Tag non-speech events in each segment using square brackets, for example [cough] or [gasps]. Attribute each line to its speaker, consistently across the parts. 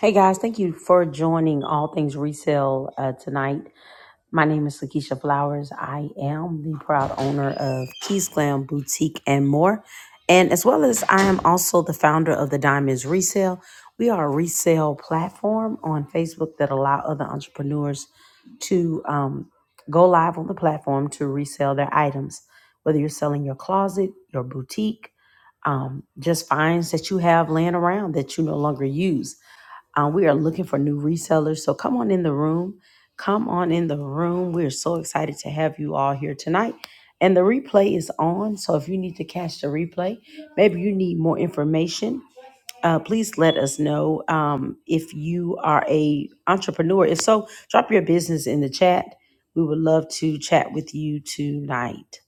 Speaker 1: Hey guys, thank you for joining All Things Resale uh, tonight. My name is Lakeisha Flowers. I am the proud owner of Keys Glam Boutique and more. And as well as I am also the founder of the Diamonds Resale. We are a resale platform on Facebook that allow other entrepreneurs to um, go live on the platform to resell their items. Whether you're selling your closet, your boutique, um, just finds that you have laying around that you no longer use um, we are looking for new resellers. So come on in the room. Come on in the room. We're so excited to have you all here tonight. And the replay is on. So if you need to catch the replay, maybe you need more information. Uh, please let us know um, if you are a entrepreneur. If so, drop your business in the chat. We would love to chat with you tonight.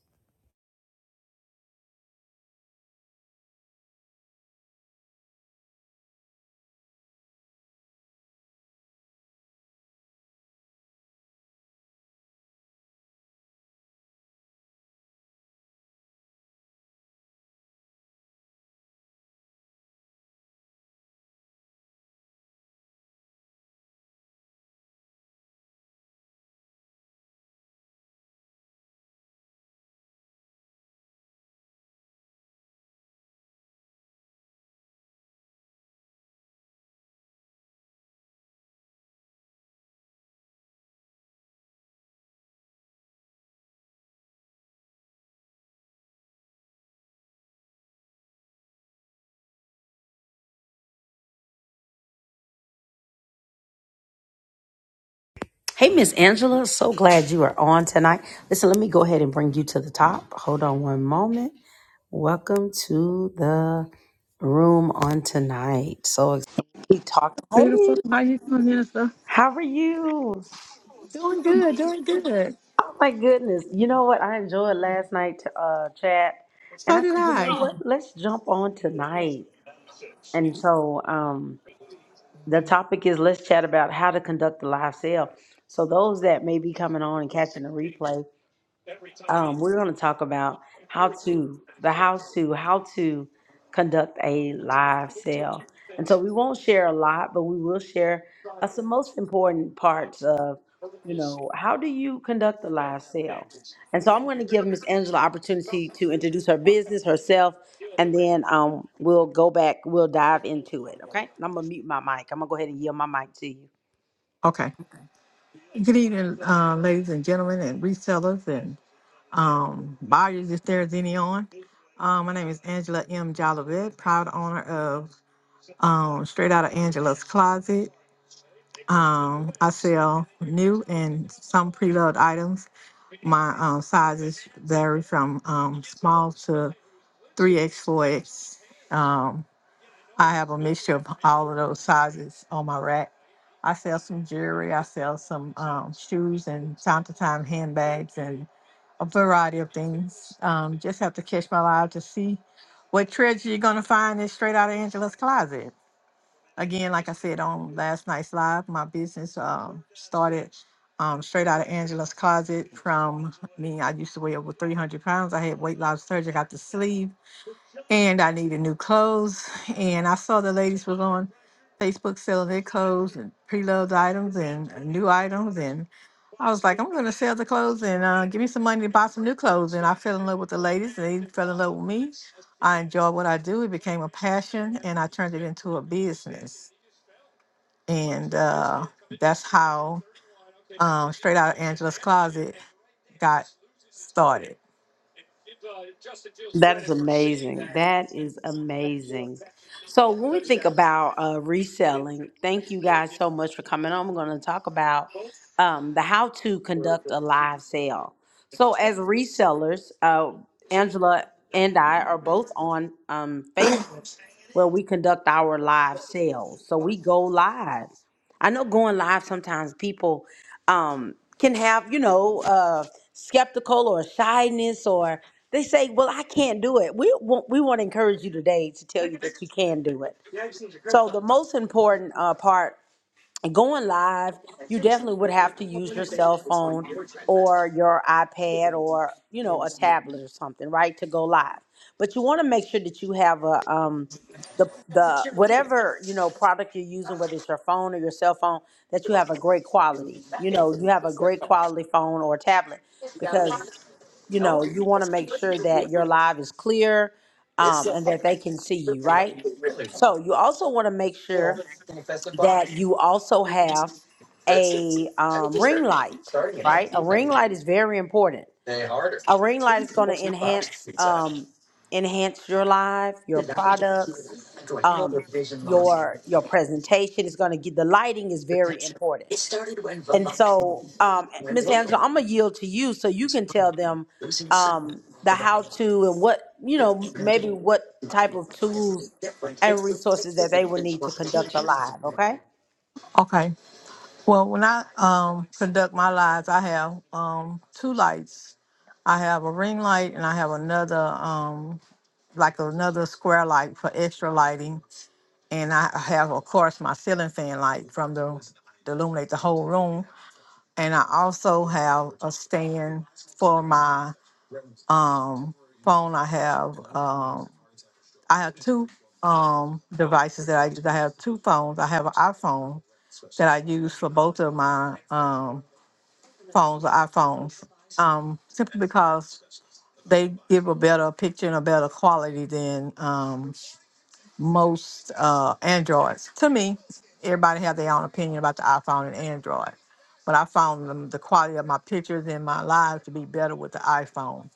Speaker 1: Hey, Miss Angela, so glad you are on tonight. Listen, let me go ahead and bring you to the top. Hold on one moment. Welcome to the room on tonight. So ex- we talked.
Speaker 2: Beautiful.
Speaker 1: Hey,
Speaker 2: How you doing, Minister?
Speaker 1: how are you?
Speaker 2: Doing good, doing good.
Speaker 1: Oh my goodness! You know what? I enjoyed last night uh, chat, and
Speaker 2: So
Speaker 1: I
Speaker 2: did
Speaker 1: said, you
Speaker 2: I.
Speaker 1: know what? Let's jump on tonight. And so um, the topic is let's chat about how to conduct a live sale. So those that may be coming on and catching the replay, um, we're going to talk about how to the how to how to conduct a live sale and so we won't share a lot but we will share uh, some most important parts of you know how do you conduct a live sale and so i'm going to give miss angela opportunity to introduce her business herself and then um, we'll go back we'll dive into it okay and i'm going to mute my mic i'm going to go ahead and yield my mic to you
Speaker 2: Okay. Good evening, uh, ladies and gentlemen, and resellers and um, buyers, if there's any on. Um, my name is Angela M. Jolivet, proud owner of um, Straight Out of Angela's Closet. Um, I sell new and some pre-loved items. My um, sizes vary from um, small to 3X, 4X. I have a mixture of all of those sizes on my rack. I sell some jewelry, I sell some um, shoes, and time to time handbags and a variety of things. Um, just have to catch my eye to see what treasure you're going to find is straight out of Angela's closet. Again, like I said on last night's live, my business um, started um, straight out of Angela's closet from me. I used to weigh over 300 pounds. I had weight loss surgery, got the sleeve and I needed new clothes. And I saw the ladies was on Facebook selling their clothes and pre-loved items and uh, new items. And I was like, I'm going to sell the clothes and uh, give me some money to buy some new clothes. And I fell in love with the ladies. They fell in love with me. I enjoyed what I do. It became a passion, and I turned it into a business. And uh, that's how um, Straight Out of Angela's Closet got started.
Speaker 1: That is amazing. That is amazing. So when we think about uh, reselling, thank you guys so much for coming on. I'm going to talk about um, the how to conduct a live sale. So as resellers, uh, Angela and I are both on um, Facebook where we conduct our live sales. So we go live. I know going live sometimes people um, can have, you know, uh, skeptical or shyness or. They say, "Well, I can't do it." We want we want to encourage you today to tell you that you can do it. So the most important uh, part, going live, you definitely would have to use your cell phone or your iPad or you know a tablet or something, right, to go live. But you want to make sure that you have a um, the the whatever you know product you're using, whether it's your phone or your cell phone, that you have a great quality. You know, you have a great quality phone or tablet because you know, you want to make sure that your live is clear um, and that they can see you, right? So you also want to make sure that you also have a um, ring light, right? A ring light is very important. A ring light is going to enhance um, enhance your live, your products, um, your your presentation is going to get the lighting is very important. And so, um, Miss Angela, I'm gonna yield to you so you can tell them um, the how to and what you know, maybe what type of tools and resources that they would need to conduct a live. Okay?
Speaker 2: Okay. Well, when I um, conduct my lives, I have um, two lights. I have a ring light and I have another, um, like another square light for extra lighting. And I have, of course, my ceiling fan light from the to illuminate the whole room. And I also have a stand for my um, phone. I have um, I have two um, devices that I use. I have two phones. I have an iPhone that I use for both of my um, phones or iPhones, um, simply because they give a better picture and a better quality than um, most uh, Androids. To me, everybody have their own opinion about the iPhone and Android, but I found them, the quality of my pictures and my lives to be better with the iPhone.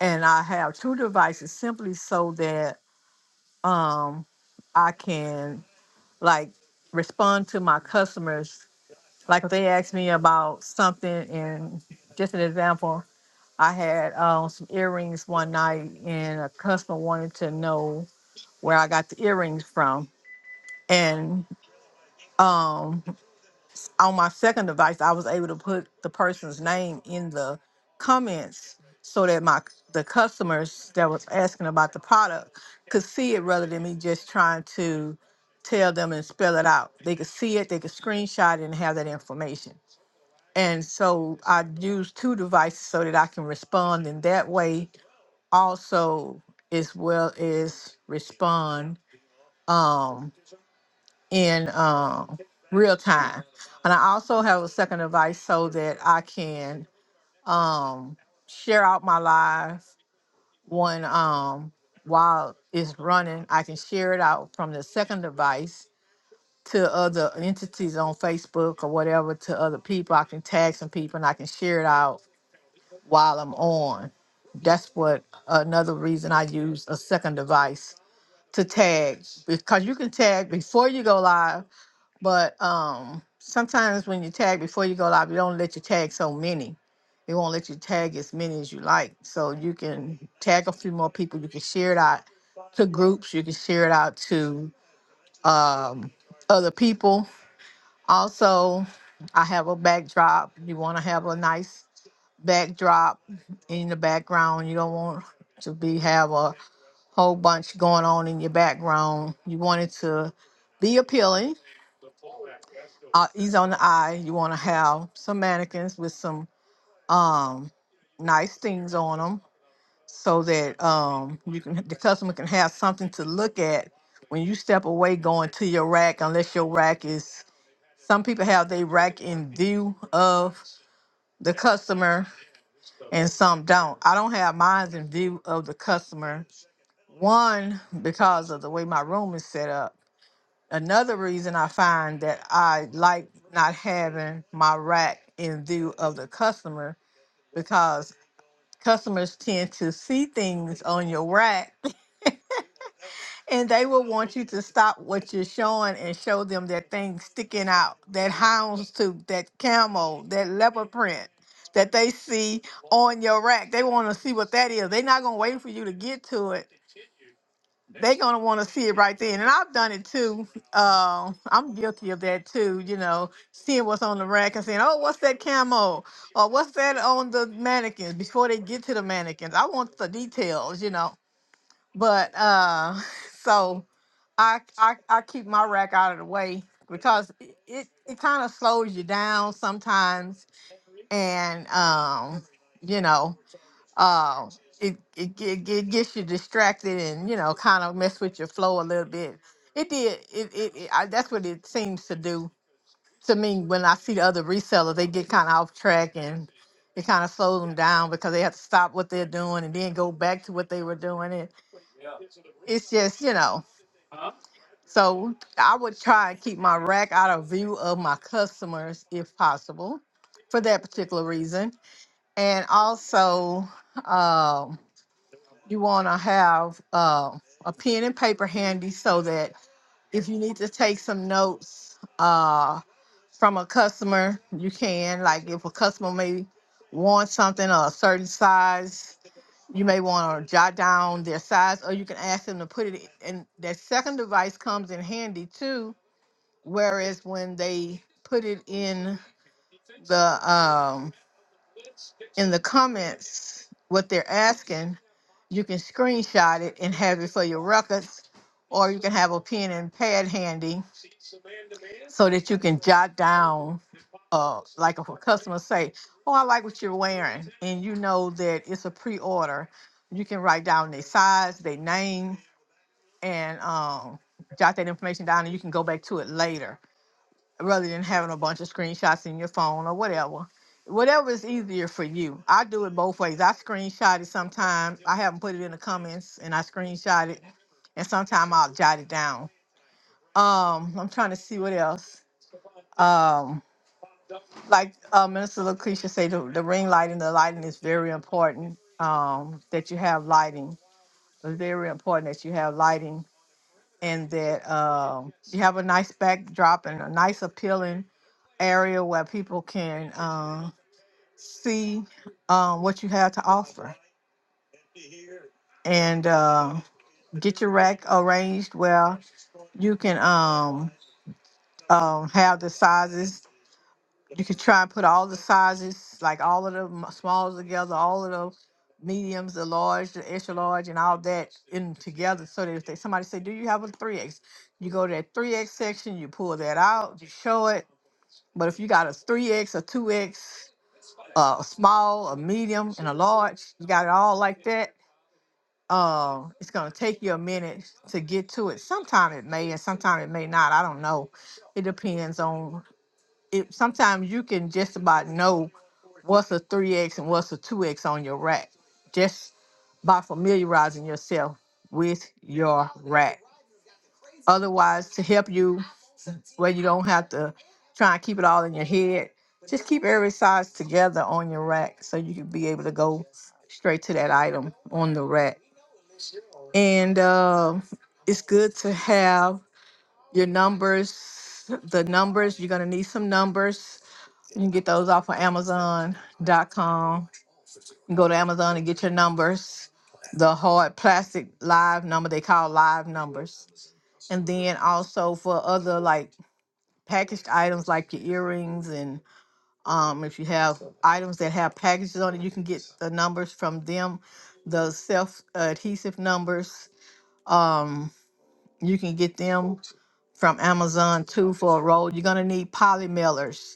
Speaker 2: And I have two devices simply so that um, I can like respond to my customers. Like if they ask me about something, and just an example, I had um, some earrings one night, and a customer wanted to know where I got the earrings from. And um, on my second device, I was able to put the person's name in the comments so that my the customers that was asking about the product could see it rather than me just trying to tell them and spell it out. They could see it, they could screenshot it, and have that information. And so I use two devices so that I can respond in that way also as well as respond um, in um, real time. And I also have a second device so that I can um, share out my live one um, while it's running. I can share it out from the second device to other entities on Facebook or whatever to other people. I can tag some people and I can share it out while I'm on. That's what another reason I use a second device to tag because you can tag before you go live, but um sometimes when you tag before you go live, it don't let you tag so many. It won't let you tag as many as you like. So you can tag a few more people. You can share it out to groups. You can share it out to um, other people. Also, I have a backdrop. You want to have a nice backdrop in the background. You don't want to be have a whole bunch going on in your background. You want it to be appealing, uh, ease on the eye. You want to have some mannequins with some um, nice things on them, so that um, you can the customer can have something to look at when you step away going to your rack. Unless your rack is, some people have their rack in view of the customer and some don't. I don't have mine in view of the customer. One because of the way my room is set up Another reason I find that I like not having my rack in view of the customer because customers tend to see things on your rack [laughs] and they will want you to stop what you're showing and show them that thing sticking out, that houndstooth, that camel, that leopard print that they see on your rack. They want to see what that is. They're not going to wait for you to get to it they are gonna want to see it right then, and I've done it too. Uh, I'm guilty of that too. You know, seeing what's on the rack and saying, "Oh, what's that camo?" or "What's that on the mannequins?" Before they get to the mannequins, I want the details. You know, but uh, [laughs] so I I, I keep my rack out of the way because it it, it kind of slows you down sometimes, and um, you know um it it, it it gets you distracted and you know kind of mess with your flow a little bit it did it, it, it I, that's what it seems to do to me when i see the other resellers they get kind of off track and it kind of slows them down because they have to stop what they're doing and then go back to what they were doing and it's just you know so i would try and keep my rack out of view of my customers if possible for that particular reason and also um you want to have uh, a pen and paper handy so that if you need to take some notes uh, from a customer, you can. Like if a customer may want something or a certain size, you may want to jot down their size, or you can ask them to put it in. That second device comes in handy too. Whereas when they put it in the um, in the comments what they're asking, you can screenshot it and have it for your records, or you can have a pen and pad handy so that you can jot down. Uh, like if a customer say, "Oh, I like what you're wearing," and you know that it's a pre-order, you can write down their size, their name, and um, jot that information down, and you can go back to it later rather than having a bunch of screenshots in your phone or whatever. Whatever is easier for you. I do it both ways. I screenshot it sometimes. I haven't put it in the comments and I screenshot it and sometimes I'll jot it down. Um, I'm trying to see what else. Um, like uh, Minister Lucretia said, the, the ring lighting, the lighting is very important. Um, that you have lighting. It's very important that you have lighting and that um, you have a nice backdrop and a nice appealing area where people can uh, see um, what you have to offer and uh, get your rack arranged where you can um, um, have the sizes You could try and put all the sizes, like all of the m- smalls together, all of the mediums, the large, the extra large, and all that in together. So that if they, somebody say, "Do you have a 3x?" You go to that 3x section, you pull that out, you show it. But if you got a 3x, a two X, a small, a medium, and a large, you got it all like that. Uh, it's gonna take you a minute to get to it. Sometime it may, and sometime it may not. I don't know. It depends on it, sometimes you can just about know what's a 3x and what's a 2x on your rack just by familiarizing yourself with your rack otherwise to help you where you don't have to try and keep it all in your head just keep every size together on your rack so you can be able to go straight to that item on the rack and uh, it's good to have your numbers the numbers you're going to need some numbers you can get those off of Amazon.com. You go to Amazon and get your numbers, the hard plastic live number they call live numbers. And then also for other like packaged items like your earrings and um, if you have items that have packages on it, you can get the numbers from them, the self adhesive numbers. Um, you can get them from Amazon too for a roll. You're gonna need poly mailers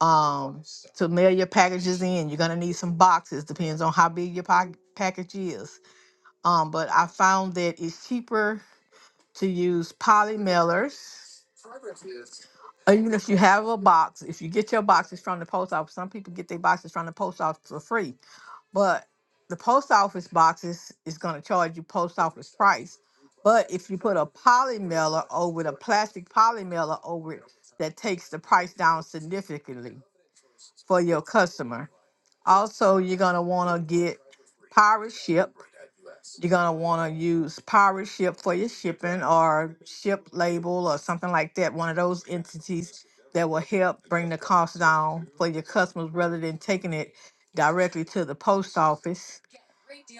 Speaker 2: um to mail your packages in you're going to need some boxes depends on how big your pack package is um but i found that it's cheaper to use poly mailers or even if you have a box if you get your boxes from the post office some people get their boxes from the post office for free but the post office boxes is going to charge you post office price but if you put a poly mailer over it a plastic poly mailer over it that takes the price down significantly for your customer Also, you're gonna wanna get pirate ship. You're gonna wanna use pirate ship for your shipping or ship label or something like that. One of those entities that will help bring the cost down for your customers rather than taking it directly to the post office.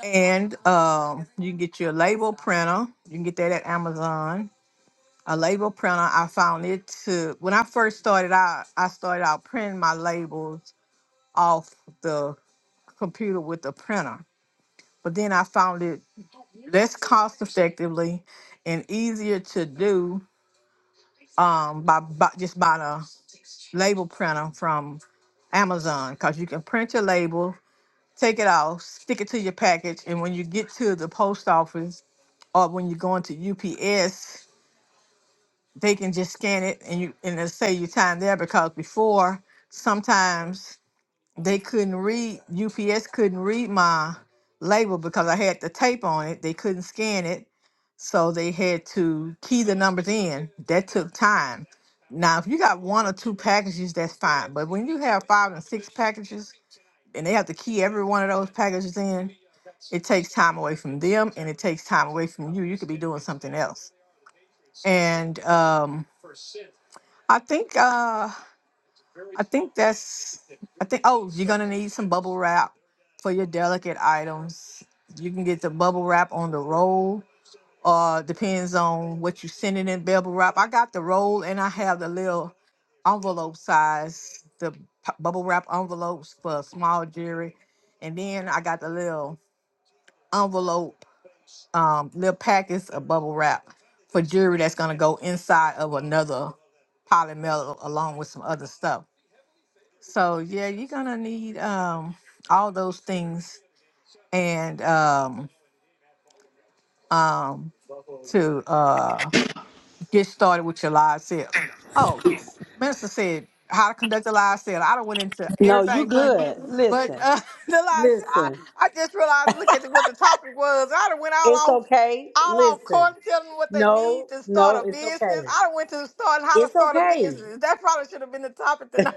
Speaker 2: And um, you can get your label printer. You can get that at Amazon. A label printer, I found it to when I first started out, I started out printing my labels off the computer with a printer. But then I found it less cost effectively and easier to do um, by, by just by the label printer from Amazon because you can print your label, take it off, stick it to your package, and when you get to the post office or when you're going to UPS, they can just scan it and you and it'll save you time there because before sometimes They couldn't read, UPS couldn't read my label because I had the tape on it. They couldn't scan it. So they had to key the numbers in. That took time. Now, if you got one or two packages, that's fine. But when you have five and six packages and they have to key every one of those packages in, it takes time away from them and it takes time away from you. You could be doing something else. And um, I think uh, I think that's. I think. Oh, you're gonna need some bubble wrap for your delicate items. You can get the bubble wrap on the roll. Uh, depends on what you sending in bubble wrap. I got the roll and I have the little envelope size, the p- bubble wrap envelopes for small jewelry, and then I got the little envelope, um, little packets of bubble wrap for jewelry that's gonna go inside of another polymer along with some other stuff. So yeah, you're gonna need um all those things and um um to uh get started with your live sales. Oh, minister said how to conduct a live sale. I don't went into
Speaker 1: No, you
Speaker 2: everything, but
Speaker 1: good.
Speaker 2: but
Speaker 1: Listen,
Speaker 2: uh [laughs] the live s- I,
Speaker 1: listen.
Speaker 2: I just realized look at what the topic was. I done went
Speaker 1: It's
Speaker 2: all off
Speaker 1: okay.
Speaker 2: all off
Speaker 1: Listen.
Speaker 2: course telling them what they need
Speaker 1: No,
Speaker 2: to start a
Speaker 1: no, it's
Speaker 2: business.
Speaker 1: okay.
Speaker 2: I done went to start how to
Speaker 1: It's
Speaker 2: start a
Speaker 1: okay.
Speaker 2: business. That probably should have been the topic tonight.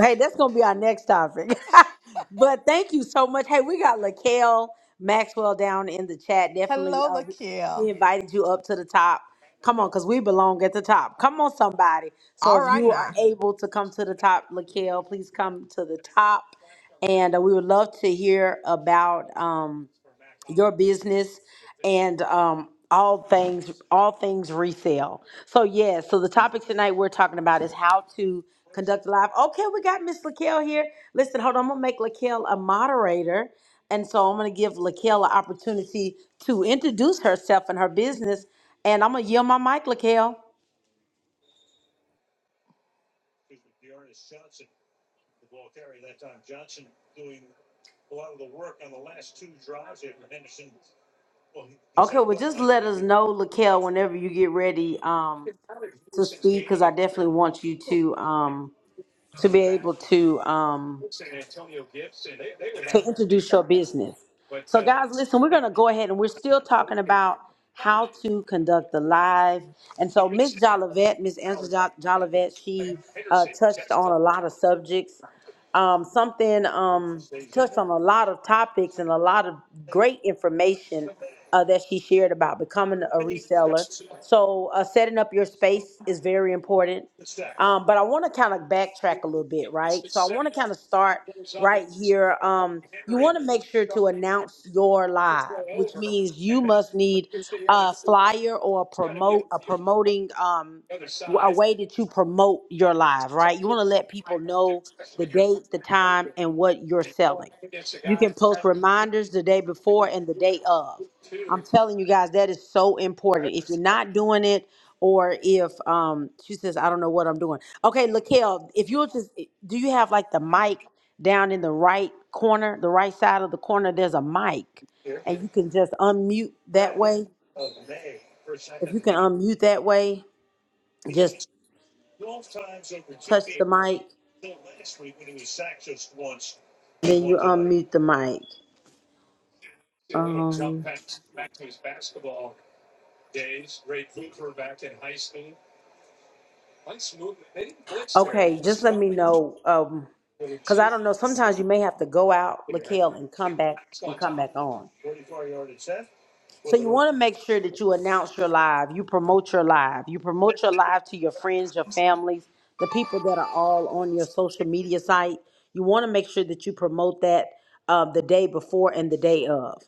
Speaker 1: Hey, that's gonna be our next topic. [laughs] but thank you so much. Hey, we got Lakel Maxwell down in the chat.
Speaker 2: [laughs]
Speaker 1: Definitely,
Speaker 2: Hello,
Speaker 1: uh,
Speaker 2: Laquel.
Speaker 1: we invited you up to the top. Come on, cause we belong at the top. Come on, somebody. So
Speaker 2: All
Speaker 1: if
Speaker 2: right
Speaker 1: you are
Speaker 2: now.
Speaker 1: able to come to the top, Lakel, please come to the top, and uh, we would love to hear about. Um, your business and um all things all things resale. So yeah, so the topic tonight we're talking about is how to conduct a live. Okay, we got Miss Laquel here. Listen, hold on, I'm gonna make Laquel a moderator. And so I'm gonna give Laquel an opportunity to introduce herself and her business. And I'm gonna yield my mic, Laquel. Okay, well just let us know, Laquel, whenever you get ready um to speak, because I definitely want you to um to be able to um to introduce your business. So, guys, listen, we're going to go ahead and we're still talking about how to conduct the live. And so, Miss Jolivet, Miss Angela Jo- Jolivet, she uh, touched on a lot of subjects. Um, something um, touched on a lot of topics and a lot of great information uh, that she shared about becoming a reseller. So, uh, setting up your space is very important. Um, but I want to kind of backtrack a little bit, right? So I want to kind of start right here. Um, you want to make sure to announce your live, which means you must need a flyer or a promote a promoting um, w- a way that you promote your live, right? You want to let people know the date, the time, and what you're selling. You can post reminders the day before and the day of. I'm telling you guys, that is so important. If you're not doing it, or if um she says I don't know what I'm doing. Okay, Lakel, if you'll just eh, do you have like the mic down in the right corner, the right side of the corner there's a mic and you can just unmute that way. If you can unmute that way, just touch the mic, then you unmute the mic. Um okay, just let me know um cuz I don't know sometimes you may have to go out, Lakel, and come back and come back on. So you want to make sure that you announce your live, you promote your live, you promote your live to your friends, your families, the people that are all on your social media site. You want to make sure that you promote that uh, the day before and the day of.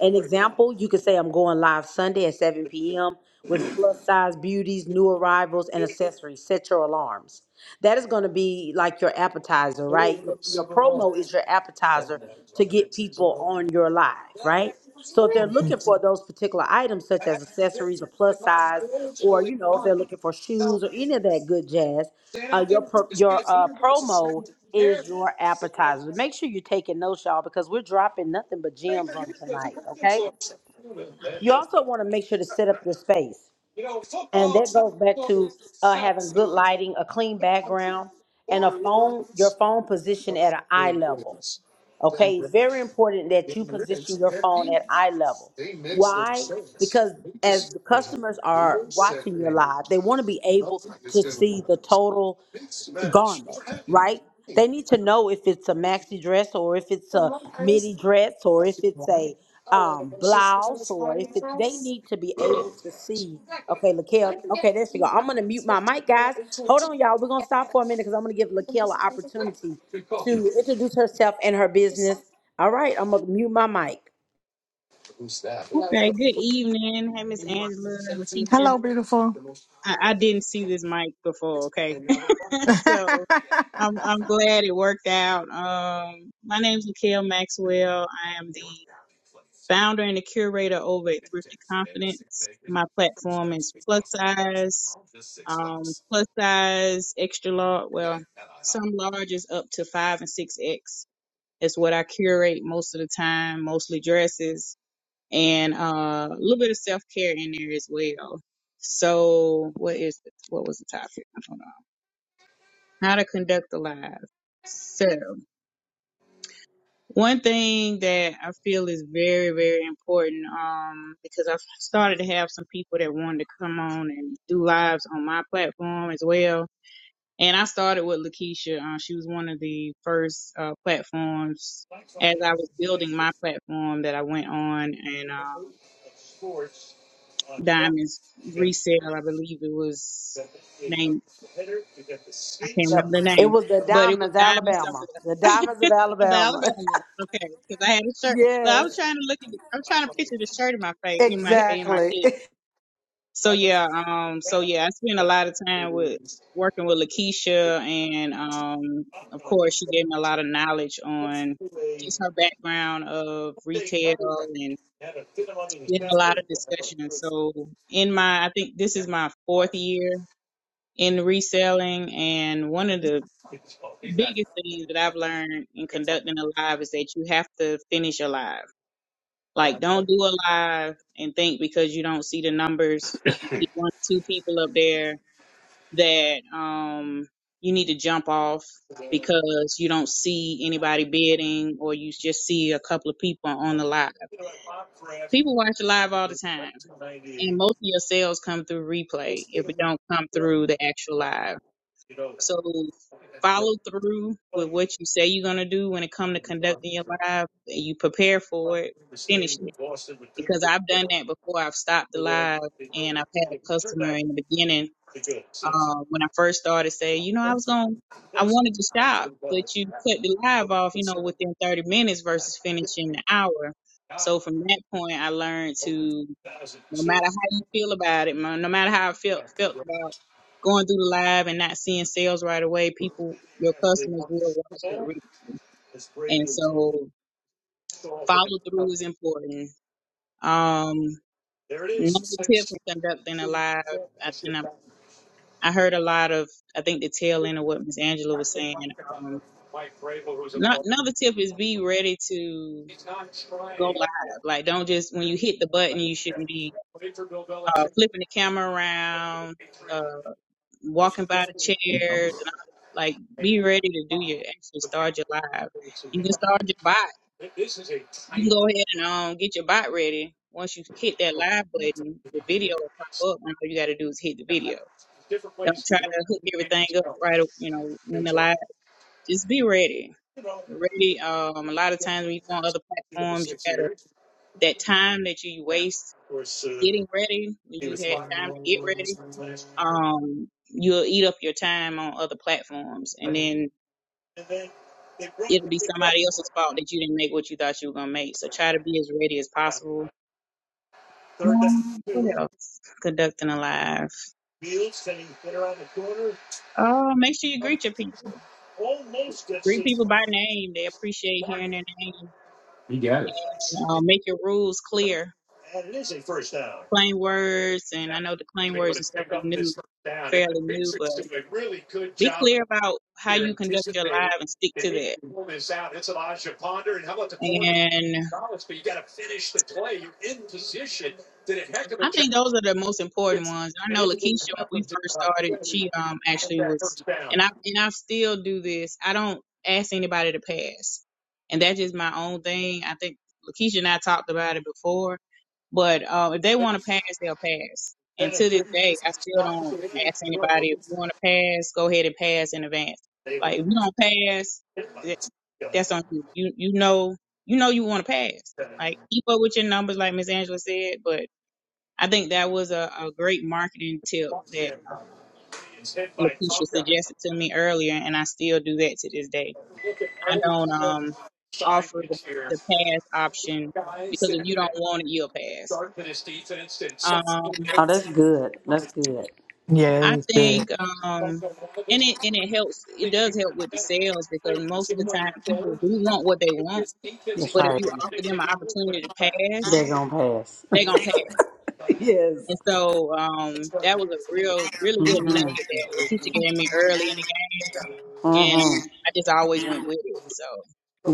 Speaker 1: An example, you could say I'm going live Sunday at 7 p.m. with plus size beauties, new arrivals, and accessories. Set your alarms that is going to be like your appetizer, right? Your, your promo is your appetizer to get people on your live, right? So if they're looking for those particular items, such as accessories, a plus size, or you know, if they're looking for shoes or any of that good jazz, uh, your pro- your uh, promo is your appetizer. Make sure you're taking notes, y'all, because we're dropping nothing but gems on tonight. Okay. You also want to make sure to set up your space. And that goes back to uh, having good lighting, a clean background, and a phone, your phone position at an eye level. Okay, it's very important that you position your phone at eye level. Why? Because as the customers are watching your live, they want to be able to see the total garment, right? They need to know if it's a maxi dress or if it's a midi dress or if it's a um, blouse or if it, they need to be able to see. Okay, Lakel. Okay, there she go. I'm gonna mute my mic, guys. Hold on, y'all. We're gonna stop for a minute because I'm gonna give Lakel an opportunity to introduce herself and her business. All right, I'm gonna mute my mic.
Speaker 3: Okay, good evening. Hey, Miss Angela and Lakeisha. I, I didn't see this mic before, okay? [laughs] so I'm I'm glad it worked out. Um, my name's Lakel Maxwell. I am the founder and the curator over at Thrifty Confidence. My platform is plus size, um, plus size, extra large. Well, some large is up to five and six X. It's what I curate most of the time, mostly dresses and uh, a little bit of self care in there as well. So, what is it? What was the topic? Hold on. How to conduct the live. So, one thing that I feel is very, very important, um, because I've started to have some people that wanted to come on and do lives on my platform as well. And I started with Lakeisha. Uh, she was one of the first uh, platforms as I was building my platform that I went on, and um, Diamonds resale. I believe it was name. I can't remember
Speaker 1: Yep,
Speaker 3: the
Speaker 1: it
Speaker 3: name,
Speaker 1: was the
Speaker 3: but it was
Speaker 1: Diamonds,
Speaker 3: Diamond
Speaker 1: Alabama.
Speaker 3: something
Speaker 1: The Diamonds of
Speaker 3: [laughs] of
Speaker 1: Alabama.
Speaker 3: Alabama. Okay, because I had a
Speaker 1: [laughs]
Speaker 3: shirt. Well, I
Speaker 1: yes,
Speaker 3: was trying to look at. I'm trying to picture the shirt in my face, in my in my
Speaker 1: exactly. [laughs]
Speaker 3: head. So yeah, um, so yeah, I spent a lot of time with working with Lakeisha, and um, of course, she gave me a lot of knowledge on just her background of retail and we had a lot of discussion. And so in my, I think this is my fourth year in reselling and one of the biggest things that I've learned in conducting a live is that you have to finish a live. Like don't do a live and think because you don't see the numbers, you see one or two people up there that um you need to jump off because you don't see anybody bidding or you just see a couple of people on the live. People watch the live all the time and most of your sales come through replay if it don't come through the actual live. So follow through with what you say you're gonna do when it come to conducting your live. and You prepare for it, finish it. Because I've done that before. I've stopped the live and I've had a customer in the beginning, uh, when I first started say, you know, I was going I wanted to stop, but you cut the live off, you know, within thirty minutes versus finishing the hour. So from that point I learned to no matter how you feel about it, man, no matter how I felt felt about going through the live and not seeing sales right away, people, your customers will watch that replay. And so follow through is important. Um, another tip for conducting a live, I, and I, I heard a lot of, I think the tail end of what Miss Angela was saying. Um, not, another tip is be ready to go live. Like don't just, when you hit the button, you shouldn't be uh, flipping the camera around. uh, walking by the chairs and all, like be ready to do your actually start your live. You can start your bot. You can go ahead and um get your bot ready. Once you hit that live button, the video will pop up and all you gotta do is hit the video. Don't try to hook everything up right you know, when the live just be ready. You're ready. Um a lot of times when you go on other platforms you gotta that time that you waste getting ready when you had time to get ready, um, you'll eat up your time on other platforms. And then it'll be somebody else's fault that you didn't make what you thought you were gonna make. So try to be as ready as possible. Um, what else? Conducting a live. Uh, make sure you greet your people. Greet people by name. They appreciate hearing their name. And, uh, make your rules clear. Plain words, and I know the plain words and stuff is new, fairly new, but be clear about how you conduct your live and stick to that. And I think those are the most important ones. I know Lakeisha when we first started, she um actually was and I and I still do this. I don't ask anybody to pass. And that's just my own thing. I think Lakeisha and I talked about it before. But uh, if they want to pass, they'll pass. And to this day, I still don't ask anybody if you want to pass, go ahead and pass in advance. Like if you don't pass, that, that's on you. You you know you know you want to pass. Like keep up with your numbers, like Miss Angela said, but I think that was a, a great marketing tip that uh, Lakeisha suggested to me earlier, and I still do that to this day. I don't um offer the, the pass option because if you don't want it, you'll pass. Um,
Speaker 1: Oh, that's good. That's good.
Speaker 2: Yeah, it
Speaker 3: I
Speaker 2: is
Speaker 3: think
Speaker 2: good.
Speaker 3: um, and it and it helps. It does help with the sales because most of the time people do want what they want,
Speaker 1: That's
Speaker 3: but if
Speaker 1: right.
Speaker 3: you offer them an opportunity to pass,
Speaker 1: They're gonna pass.
Speaker 3: they're gonna pass.
Speaker 1: [laughs] yes.
Speaker 3: And so um, that was a real, really good nugget that Lakeisha gave me early, and it and I just always went with it. So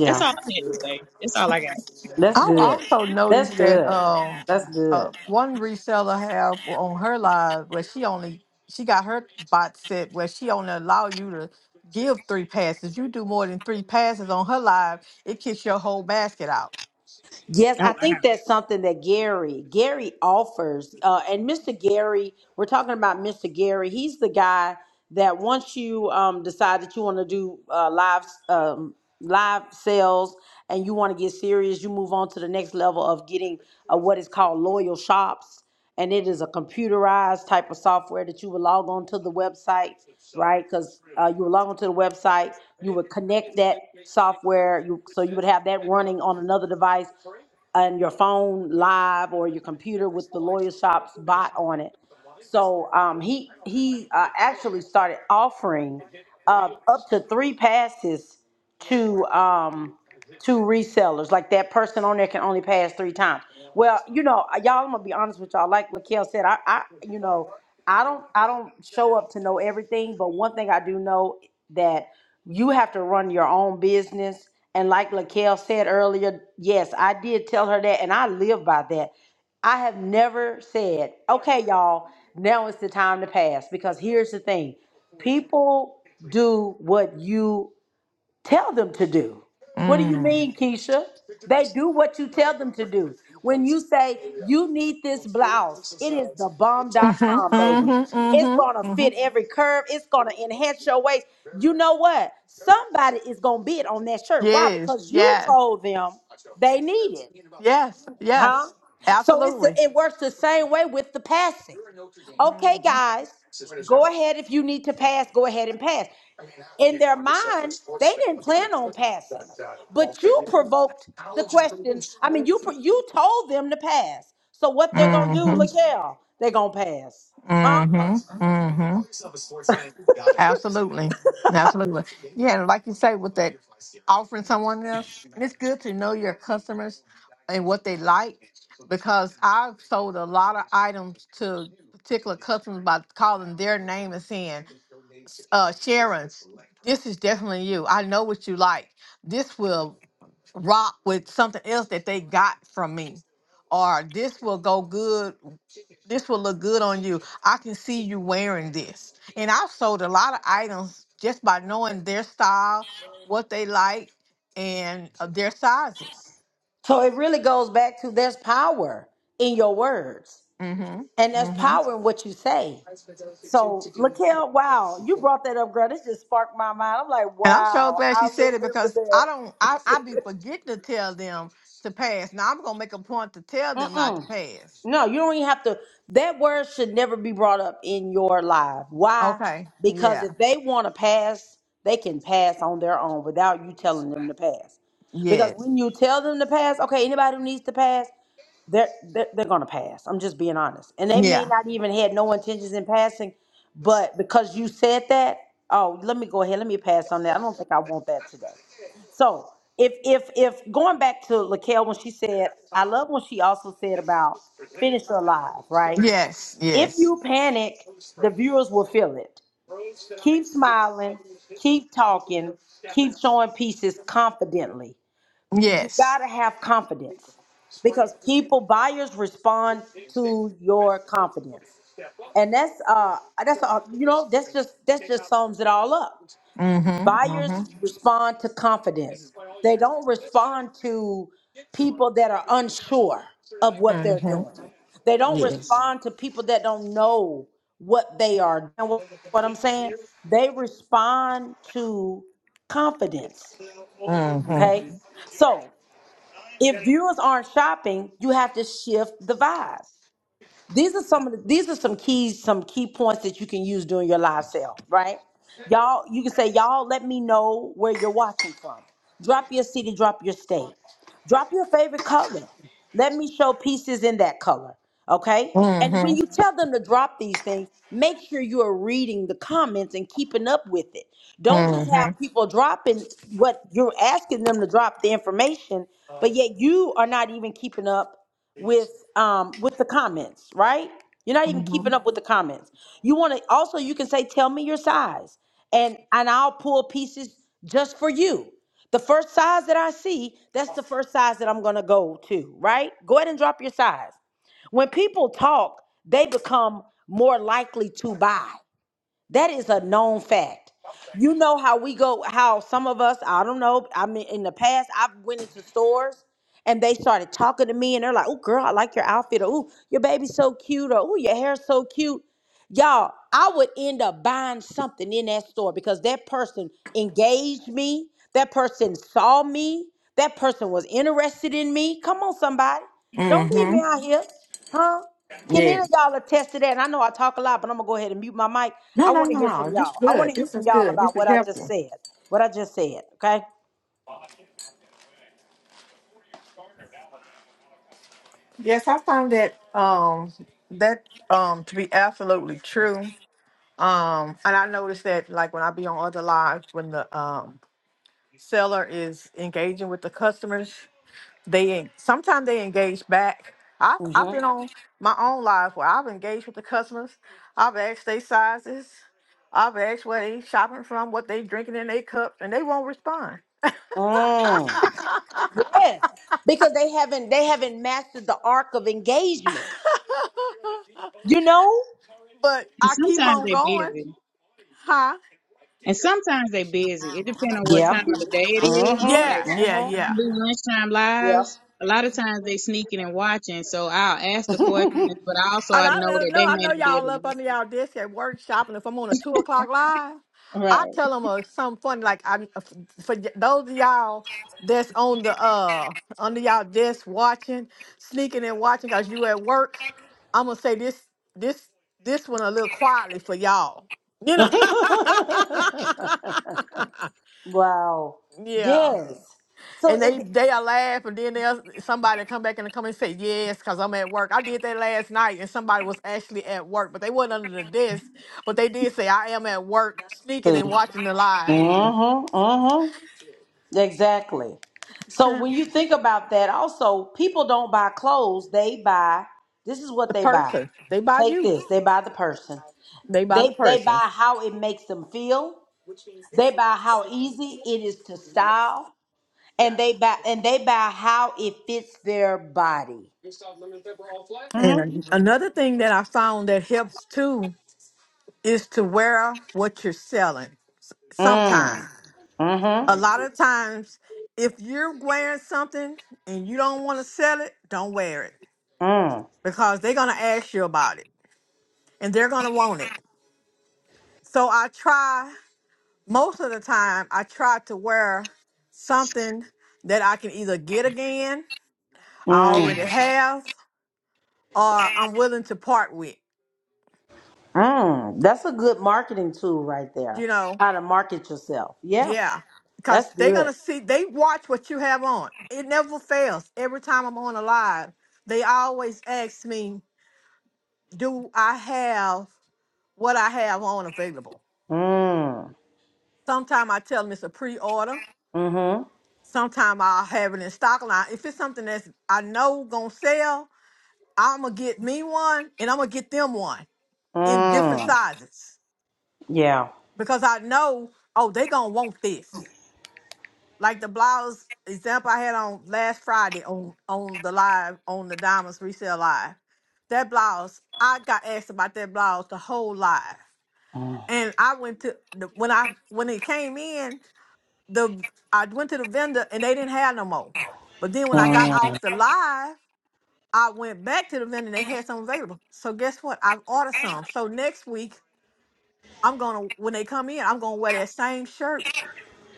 Speaker 3: that's all I had to say. That's all I got.
Speaker 1: That's
Speaker 2: I've also noticed that um, uh, one reseller have on her live where she only she got her bot set where she only allow you to give three passes. You do more than three passes on her live, it kicks your whole basket out.
Speaker 1: Yes,
Speaker 3: Oh,
Speaker 1: I
Speaker 3: wow.
Speaker 1: think that's something that Gary Gary offers. Uh, and Mr. Gary, we're talking about Mr. Gary. He's the guy that once you um, decide that you want to do uh, live um, live sales and you want to get serious, you move on to the next level of getting uh, what is called loyal shops, and it is a computerized type of software that you would log on to the website, right? Because uh, you would log on to the website, you would connect that software, you so you would have that running on another device and your phone live or your computer with the lawyer shop's bot on it. So um, he he uh, actually started offering uh, up to three passes to um, to resellers. Like that person on there can only pass three times. Well, you know, uh, y'all, I'm gonna be honest with y'all. Like Lakel said, I, I, you know, I don't, I don't show up to know everything, but one thing I do know that you have to run your own business and like Laquelle said earlier, yes, I did tell her that, and I live by that. I have never said, okay, y'all, now is the time to pass. Because here's the thing people do what you tell them to do. What do you
Speaker 2: Mm.
Speaker 1: mean, Keisha? They do what you tell them to do. When you say you need this blouse, it is the bomb dot
Speaker 2: Mhm,
Speaker 1: com, baby.
Speaker 2: mhm,
Speaker 1: It's
Speaker 2: mhm,
Speaker 1: gonna
Speaker 2: mhm.
Speaker 1: fit every curve, it's gonna enhance your waist. You know what? Somebody is gonna bid on that shirt. Why?
Speaker 2: Yes,
Speaker 1: Because you
Speaker 2: yes,
Speaker 1: told them they need it,
Speaker 2: yes,
Speaker 1: huh?
Speaker 2: yes,
Speaker 1: So it's the,
Speaker 2: absolutely.
Speaker 1: it works the same way with the passing. Okay, guys, go ahead if you need to pass, go ahead and pass in their mind, they didn't plan on passing, but you provoked the question. I mean, you pro- you told them to pass. So what they're gonna do,
Speaker 2: hmm
Speaker 1: Lakel? They're gonna pass, huh?
Speaker 2: Mm-hmm. Mm-hmm. Absolutely. Absolutely. Yeah, and like you say, with that offering someone else, and it's good to know your customers and what they like because I've sold a lot of items to particular customers by calling their name and saying, uh, Sharon, this is definitely you. I know what you like. This will rock with something else that they got from me, or this will go good this will look good on you. I can see you wearing this. And I've sold a lot of items just by knowing their style, what they like, and uh, their sizes.
Speaker 1: So it really goes back to there's power in your words,
Speaker 2: hmm
Speaker 1: and there's
Speaker 2: hmm And
Speaker 1: power in what you say. So Lakel, wow, you brought that up, girl. This just sparked my mind. I'm like,
Speaker 2: I'm so
Speaker 1: wow,
Speaker 2: glad she
Speaker 1: I
Speaker 2: said it
Speaker 1: remember
Speaker 2: because I don't,
Speaker 1: that.
Speaker 2: I, I
Speaker 1: [laughs]
Speaker 2: be forgetting to tell them to pass. Now I'm going to make a point to tell them not
Speaker 1: Mm-mm.
Speaker 2: to pass.
Speaker 1: No, you don't even have to. That word should never be brought up in your life. Why?
Speaker 2: Okay.
Speaker 1: Because
Speaker 2: Yeah.
Speaker 1: if they want to pass, they can pass on their own without you telling them to pass. Because
Speaker 2: Yes.
Speaker 1: when you tell them to pass, okay, anybody who needs to pass, they're they're, they're gonna pass. I'm just being honest, and they may
Speaker 2: Yeah.
Speaker 1: not even had no intentions in passing, but because you said that, oh, let me go ahead, let me pass on that. I don't think I want that today. So if if if going back to Laquelle when she said, I love when she also said about finish her live, right?
Speaker 2: Yes,
Speaker 1: If
Speaker 2: yes,
Speaker 1: you panic, the viewers will feel it. Keep smiling, keep talking, keep showing pieces confidently. You gotta
Speaker 2: yes.
Speaker 1: have confidence because people buyers respond to your confidence, and that's uh that's uh, you know that's just that's just sums it all up.
Speaker 2: Mm-hmm,
Speaker 1: Buyers
Speaker 2: mm-hmm,
Speaker 1: respond to confidence. They don't respond to people that are unsure of what they're
Speaker 2: mm-hmm.
Speaker 1: doing. They don't
Speaker 2: Yes.
Speaker 1: respond to people that don't know what they are. And what, what I'm saying, they respond to confidence.
Speaker 2: Mm-hmm.
Speaker 1: Okay. Mhm. So if viewers aren't shopping, you have to shift the vibe. These are some of the, these are some keys, some key points that you can use during your live sale, right? Y'all, you can say, y'all, let me know where you're watching from. Drop your city, drop your state. Drop your favorite color. Let me show pieces in that color, okay? And
Speaker 2: Mm-hmm.
Speaker 1: when you Mhm. tell them to drop these things, make sure you are reading the comments and keeping up with it. Don't just Mm.
Speaker 2: Mm-hmm.
Speaker 1: have people dropping what you're asking them to drop the information, but yet you are not even keeping up with um with the comments, right? You're not even
Speaker 2: Mm-hmm.
Speaker 1: keeping up with the comments. You want to also you can say tell me your size and and I'll pull pieces just for you. The first size that I see, that's the first size that I'm going to go to, right? Go ahead and drop your size. When people talk, they become more likely to buy. That is a known fact. You know how we go, how some of us, I don't know, I mean, in the past, I've went into stores and they started talking to me and they're like, oh, girl, I like your outfit, or oh, your baby's so cute, or oh, your hair's so cute. Y'all, I would end up buying something in that store because that person engaged me, that person saw me, that person was interested in me. Come on, somebody. Don't leave
Speaker 2: Mm-hmm.
Speaker 1: me out here, huh? Can any
Speaker 2: Yes.
Speaker 1: of y'all attest to that? And I know I talk a lot, but I'm gonna go ahead and mute my mic
Speaker 2: No,
Speaker 1: I
Speaker 2: no,
Speaker 1: want to
Speaker 2: no,
Speaker 1: hear
Speaker 2: no.
Speaker 1: from
Speaker 2: This is
Speaker 1: y'all. I want
Speaker 2: good.
Speaker 1: to hear
Speaker 2: This is
Speaker 1: from y'all
Speaker 2: good. This
Speaker 1: about
Speaker 2: is
Speaker 1: what I just
Speaker 2: helpful.
Speaker 1: said. What I just said. Okay.
Speaker 2: Yes, I found that um that um to be absolutely true. Um, and I noticed that like when I be on other lives, when the um seller is engaging with the customers, They sometimes they engage back. I've I've been
Speaker 1: Mm-hmm.
Speaker 2: on my own lives where I've engaged with the customers. I've asked their sizes. I've asked where they shopping from, what they drinking in their cups, and they won't respond.
Speaker 1: Mm.
Speaker 2: [laughs]
Speaker 1: Yes, because they haven't they haven't mastered the arc of engagement. You know.
Speaker 2: but
Speaker 3: and
Speaker 2: I keep
Speaker 3: sometimes
Speaker 2: on
Speaker 3: they
Speaker 2: going,
Speaker 3: busy,
Speaker 2: huh?
Speaker 3: and sometimes they busy. It depends on what
Speaker 1: Yeah.
Speaker 3: time of the day it is. Like
Speaker 1: Mm-hmm.
Speaker 2: Yeah, yeah,
Speaker 1: Mm-hmm.
Speaker 3: when I
Speaker 2: yeah.
Speaker 3: do lunchtime
Speaker 1: Yeah.
Speaker 3: lives, a lot of times they sneaking and watching. So I'll ask the questions, but also
Speaker 2: And
Speaker 3: I
Speaker 2: I
Speaker 3: know
Speaker 2: let them
Speaker 3: that
Speaker 2: know.
Speaker 3: they
Speaker 2: I
Speaker 3: may
Speaker 2: know
Speaker 3: not be
Speaker 2: y'all
Speaker 3: able
Speaker 2: up
Speaker 3: to.
Speaker 2: under y'all desk at workshop, and if I'm on a two o'clock live,
Speaker 3: Answer.
Speaker 2: I
Speaker 3: Right.
Speaker 2: tell them uh, something funny. Like I, for y- those of y'all that's on the uh under y'all desk watching, sneaking and watching, cause you at work, I'm gonna say this this this one a little quietly for y'all. You know. [laughs]
Speaker 1: Wow.
Speaker 2: yeah
Speaker 1: Yes. So
Speaker 2: and they
Speaker 1: it,
Speaker 2: they will laugh and then they'll somebody come back in the comment and say yes because i'm at work i did that last night and somebody was actually at work but they wasn't under the desk but they did say i am at work sneaking and
Speaker 1: See.
Speaker 2: watching the live
Speaker 1: Mm-hmm. Mm-hmm. Exactly.
Speaker 2: [laughs]
Speaker 1: So when you think about that, also people don't buy clothes; they buy. This is what
Speaker 2: The
Speaker 1: they buy.
Speaker 2: person. They buy
Speaker 1: Take
Speaker 2: you.
Speaker 1: this. They buy the person.
Speaker 2: They buy the
Speaker 1: They they
Speaker 2: person.
Speaker 1: buy how it makes them feel. They buy how easy it is to style, and they buy and they buy how it fits their body.
Speaker 2: and
Speaker 1: Hmm?
Speaker 2: an- another thing that i found that helps too is to wear what you're selling
Speaker 1: Mm.
Speaker 2: sometimes a
Speaker 1: Mm-hmm.
Speaker 2: lot of times if you're wearing something and you don't want to sell it don't wear it
Speaker 1: Mm.
Speaker 2: because they're going to ask you about it and they're going to want it. So I try, most of the time, I try to wear something that I can either get again, I already
Speaker 1: Mm.
Speaker 2: have, or I'm willing to part with,
Speaker 1: Mm. That's a good marketing tool right
Speaker 2: you
Speaker 1: there.
Speaker 2: know?
Speaker 1: How to market yourself. Yeah,
Speaker 2: Yeah. Because
Speaker 1: that's
Speaker 2: they're going
Speaker 1: good.
Speaker 2: to see, they watch what you have on. It never fails. Every time I'm on a live, they always ask me, do I have what I have on available?
Speaker 1: Mm.
Speaker 2: Sometimes I tell them it's a pre order
Speaker 1: Mm-hmm.
Speaker 2: Sometime I'll have it in stock line. If it's something that's I know gonna sell, I'm gonna get me one and I'm gonna get them one in different
Speaker 1: Mm.
Speaker 2: sizes
Speaker 1: Yeah.
Speaker 2: because I know oh they gonna want this. Like the blouse example I had on last Friday on on the live on the Diamonds Resale Live. That blouse I got asked about that blouse the whole live,
Speaker 1: Mm.
Speaker 2: and I went to the, when I when it came in the I went to the vendor and they didn't have no more. But then when I got
Speaker 1: Mm.
Speaker 2: off the live I went back to the vendor. They had some available. So guess what? I've ordered some. So next week, I'm gonna when they come in, I'm gonna wear that same shirt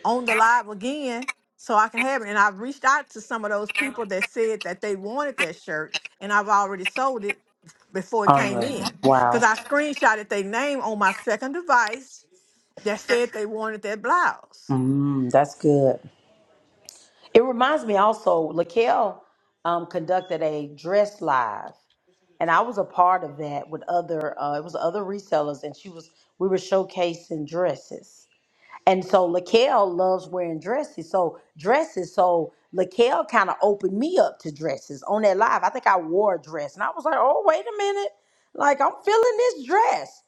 Speaker 2: on the live again, so I can have it. And I have reached out to some of those people that said that they wanted that shirt, and I've already sold it before it
Speaker 1: All
Speaker 2: came
Speaker 1: right.
Speaker 2: in because
Speaker 1: Wow.
Speaker 2: I screenshotted their name on my second device that said they wanted that blouse.
Speaker 1: Mm. That's good. It reminds me also, Laquel um, conducted a dress live, and I was a part of that with other. Uh, it was other resellers, and she was. We were showcasing dresses, and so Laquel loves wearing dresses. So dresses. So Laquel kind of opened me up to dresses on that live. I think I wore a dress, and I was like, "Oh, wait a minute! Like I'm feeling this dress."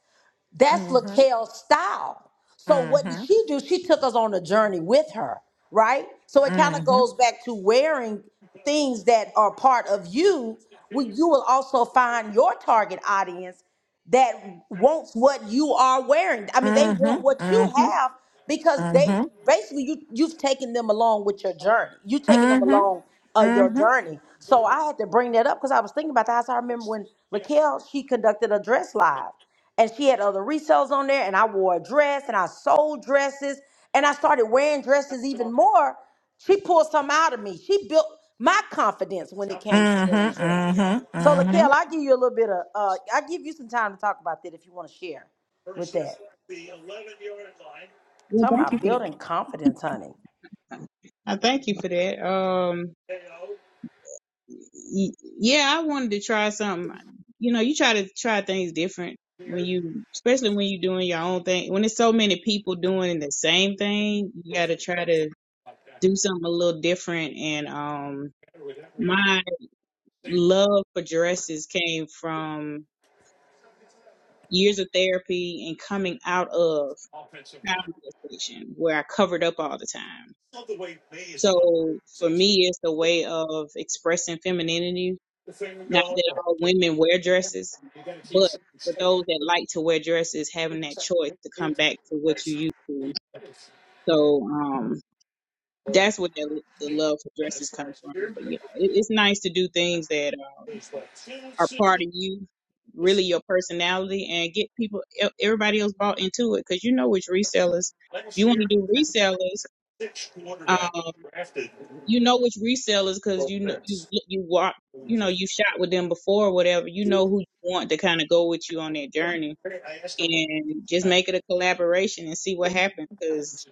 Speaker 1: That's
Speaker 2: Mhm.
Speaker 1: Lakel's style. So what did
Speaker 2: Mhm.
Speaker 1: she do? She took us on a journey with her, right? So it kind of
Speaker 2: Mhm.
Speaker 1: goes back to wearing things that are part of you. Where you will also find your target audience that wants what you are wearing. I mean, they want
Speaker 2: Mhm.
Speaker 1: what you
Speaker 2: Mhm.
Speaker 1: have because they
Speaker 2: Mhm.
Speaker 1: basically you you've taken them along with your journey. You taking them
Speaker 2: Mhm.
Speaker 1: along uh, your
Speaker 2: Mhm.
Speaker 1: journey. So I had to bring that up because I was thinking about that. I remember when Laquelle she conducted a dress live, and she had other resales on there, and I wore a dress and I sold dresses, and I started wearing dresses even more. She pulled some out of me. She built my confidence when it came to wearing
Speaker 2: Mm-hmm.
Speaker 1: dresses.
Speaker 2: Mm-hmm.
Speaker 1: So, Lakel, i give you a little bit of, uh, i give you some time to talk about that if you want to share with that.
Speaker 3: Well,
Speaker 1: Talking
Speaker 3: thank you
Speaker 1: about
Speaker 3: for that.
Speaker 1: building confidence, honey.
Speaker 3: I thank you for that. Um. y- yeah, I wanted to try something. You know, you try to try things different when you, especially when you're doing your own thing. When there's so many people doing the same thing, you got to try to do something a little different. And um, my love for dresses came from years of therapy and coming out of child molestation, where I covered up all the time. So for me, it's a way of expressing femininity Not that all women wear dresses, but for those that like to wear dresses, having that choice to come back to what you used to. So um, that's where the, the love for dresses come from. But yeah, it, it's nice to do things that um, are part of you, really your personality, and get people, e- everybody else bought into it. Because you know, which resellers, if you want to do resellers. um, you know which resellers because you know you you walk you know you shot with them before or whatever you know who you want to kind of go with you on that journey and just make it a collaboration and see what happens because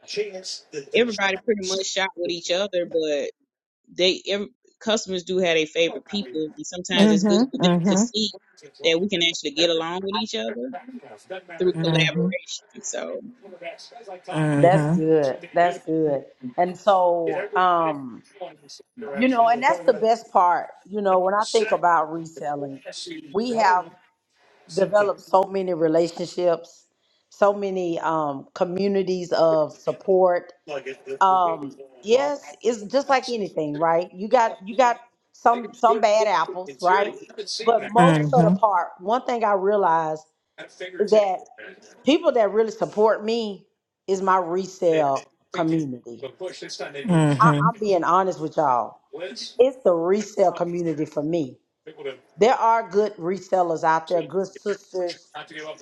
Speaker 3: everybody pretty much shot with each other but they every, customers do have their favorite people and
Speaker 2: Mm-hmm.
Speaker 3: sometimes it's good
Speaker 2: Mm-hmm. Mm-hmm.
Speaker 3: for
Speaker 2: Mm-hmm. Mm-hmm.
Speaker 3: them to see that we can actually get along with each other
Speaker 2: Mm-hmm.
Speaker 3: through
Speaker 2: Mm-hmm. Mm-hmm.
Speaker 3: collaboration so
Speaker 1: That's good. That's good. And so, um, you know, and that's the best part. You know, when I think about reselling, we have developed so many relationships, so many um, communities of support um yes it's just like anything right you got you got some some bad apples right but most of
Speaker 2: Mm-hmm.
Speaker 1: the part one thing i realized is that people that really support me is my resale community I, i'm being honest with y'all it's the resale community for me there are good resellers out there, good sisters,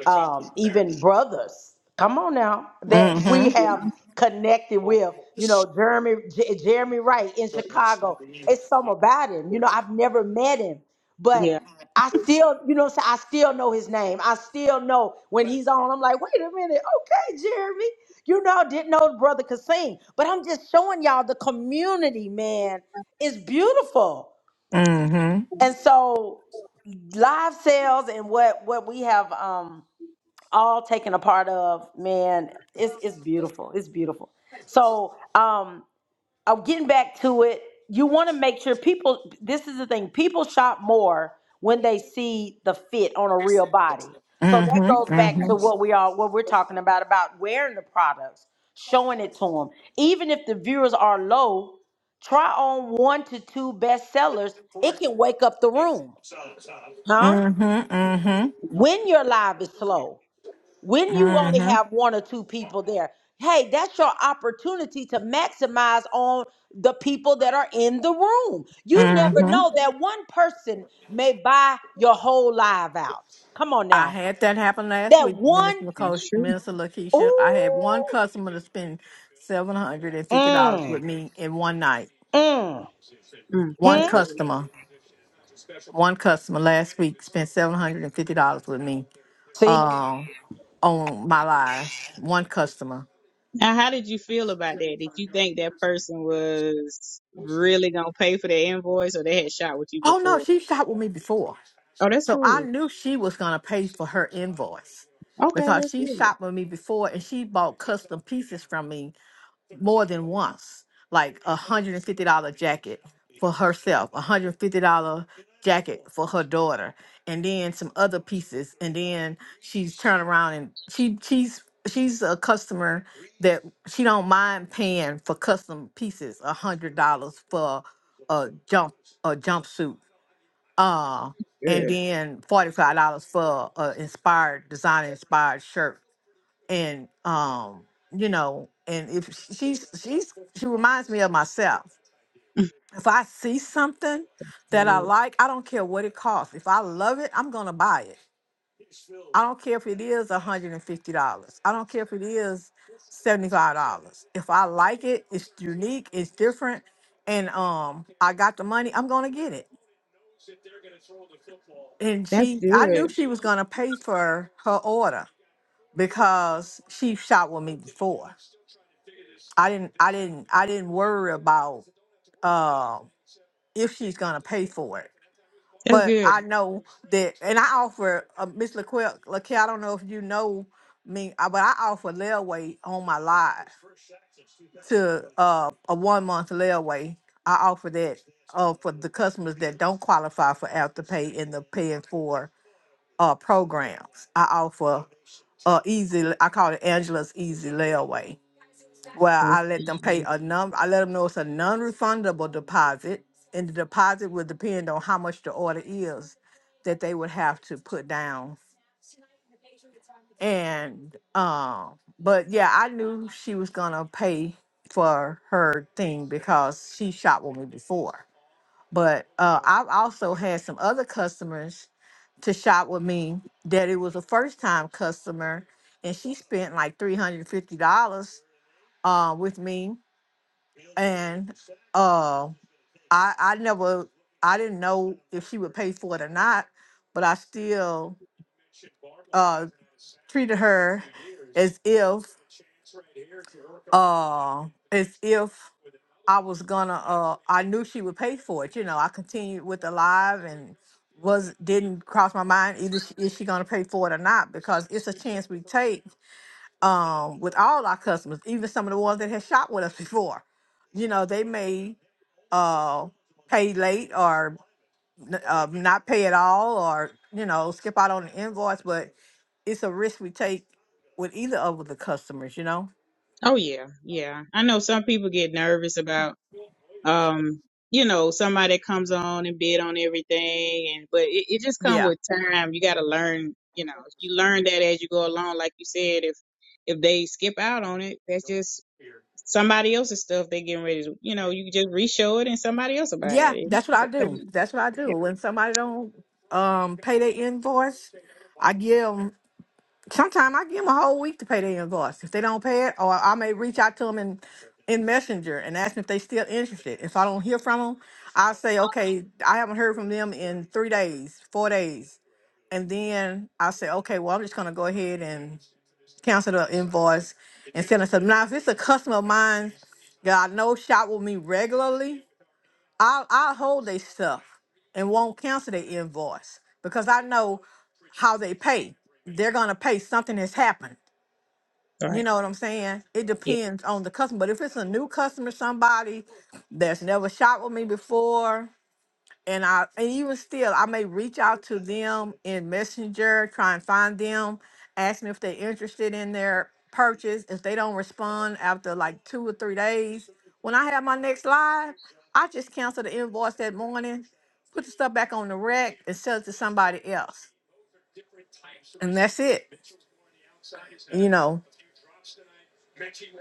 Speaker 1: um, even brothers. Come on now, that
Speaker 2: Mm-hmm.
Speaker 1: we
Speaker 3: yeah
Speaker 1: have connected with. You know, Jeremy J- Jeremy Wright in Chicago. It's some about him. You know, I've never met him, but
Speaker 3: yeah
Speaker 1: I still, you know, what I'm saying? I still know his name. I still know when he's on. I'm like, wait a minute, okay, Jeremy. You know, didn't know the brother could sing, but I'm just showing y'all the community, man, is beautiful. And so live sales and what what we have um all taken a part of man it's it's beautiful it's beautiful so um i'm getting back to it you want to make sure people this is the thing people shop more when they see the fit on a real body so that goes hmm back
Speaker 2: Mm-hmm.
Speaker 1: to
Speaker 3: right.
Speaker 1: what we are what we're talking about about wearing the products showing it to them even if the viewers are low try on one to two bestsellers it can wake up the room huh when your live is slow, when you only
Speaker 2: Mm-hmm.
Speaker 1: have one or two people there, hey, that's your opportunity to maximize on the people that are in the room. You never
Speaker 2: Mm-hmm.
Speaker 1: know that one person may buy your whole live out. Come on
Speaker 2: I
Speaker 1: now.
Speaker 2: had that happen last
Speaker 1: That
Speaker 2: week,
Speaker 1: one,
Speaker 2: Minister Lakeisha.
Speaker 3: that's true
Speaker 2: Minister Lakeisha. I had one
Speaker 1: ooh,
Speaker 2: customer to spend seven hundred and fifty dollars with
Speaker 1: mm,
Speaker 2: me in one night.
Speaker 1: mm,
Speaker 3: Mm,
Speaker 2: One
Speaker 1: hmm.
Speaker 3: that's great
Speaker 2: customer. one customer last week spent seven hundred and fifty dollars with me
Speaker 1: See?
Speaker 2: um on my lives. One customer.
Speaker 3: Now, how did you feel about that? Did you think that person was really gonna pay for their invoice, or they had shot with you
Speaker 2: Oh no,
Speaker 3: before?
Speaker 2: she shot with me before.
Speaker 3: Oh, that's
Speaker 2: So I
Speaker 3: cool.
Speaker 2: knew she was gonna pay for her invoice
Speaker 3: Okay,
Speaker 2: because
Speaker 3: that's
Speaker 2: she
Speaker 3: good.
Speaker 2: shot with me before and she bought custom pieces from me more than once, like a hundred and fifty dollar jacket for herself, a hundred and fifty dollar jacket for her daughter, and then some other pieces, and then she's turned around and she she's she's a customer that she don't mind paying for custom pieces, a hundred dollars for a jump a jumpsuit, uh, and
Speaker 3: Good.
Speaker 2: then forty five dollars for a inspired designer inspired shirt and um you know and if she's she's she reminds me of myself
Speaker 3: [laughs]
Speaker 2: if i see something that i
Speaker 3: Good.
Speaker 2: like i don't care what it costs if i love it i'm gonna buy it i don't care if it is $150 i don't care if it is $75 if i like it it's unique it's different and um i got the money i'm gonna get it and
Speaker 3: That's
Speaker 2: she i knew
Speaker 3: good.
Speaker 2: she was gonna pay for her order because she shot with me before I didn't I didn't I didn't worry about uh, if she's gonna pay for it.
Speaker 3: That's
Speaker 2: But
Speaker 3: good.
Speaker 2: I know that, and I offer uh, Miss LaQuil, LaQuil, I don't know if you know me, uh, but I offer layaway on my live to uh, a one month layaway. I offer that uh, for the customers that don't qualify for afterpay in the paying for uh, programs. I offer uh, easy, I call it Angela's Easy Layaway well,
Speaker 3: That's
Speaker 2: I let them pay
Speaker 3: good.
Speaker 2: a non. I let them know it's a non-refundable deposit, and the deposit would depend on how much the order is that they would have to put down. And um, but yeah, I knew she was gonna pay for her thing because she shot with me before. But uh, I've also had some other customers to shop with me that it was a first-time customer, and she spent like three hundred fifty dollars uh, with me and uh, I I never I didn't know if she would pay for it or not, but I still uh treated her as if uh as if I was gonna uh I knew she would pay for it. You know, I continued with the live and was didn't cross my mind either she, is she gonna pay for it or not because it's a chance we take um with all our customers, even some of the ones that have shopped with us before. You know, they may uh, pay late or n- uh, not pay at all or, you know, skip out on the invoice, but it's a risk we take with either of the customers, you know?
Speaker 3: Oh yeah, yeah. I know some people get nervous about, um, you know, somebody that comes on and bid on everything, and but it, it just comes
Speaker 2: Yeah.
Speaker 3: with time. You got to learn. You know, you learn that as you go along. Like you said, if if they skip out on it, that's just somebody else's stuff they getting ready to you know you just reshow it and somebody else will buy
Speaker 2: Yeah,
Speaker 3: it
Speaker 2: that's what
Speaker 3: It's
Speaker 2: I do.
Speaker 3: okay.
Speaker 2: That's what I do.
Speaker 3: yeah
Speaker 2: When somebody don't um pay their invoice, I give 'em Sometimes I give them a whole week to pay their invoice. If they don't pay it, or I may reach out to them in, in Messenger and ask them if they still interested. If I don't hear from them, I'll say, okay, I haven't heard from them in three days, four days. And then I'll say, okay, well, I'm just going to go ahead and cancel the invoice and send it to them. Now, if it's a customer of mine that I know shop with me regularly, I I hold their stuff and won't cancel their invoice because I know how they pay. They're gonna pay. Something has happened. You
Speaker 3: right
Speaker 2: know what I'm saying? It
Speaker 3: yeah
Speaker 2: depends on the customer. But if it's a new customer, somebody that's never shopped with me before, and I and even still I may reach out to them in Messenger, try and find them, ask them if they're interested in their purchase. If they don't respond after like two or three days, when I have my next live, I just cancel the invoice that morning, put the stuff back on the rack, and sell it to somebody else, and that's it. You know,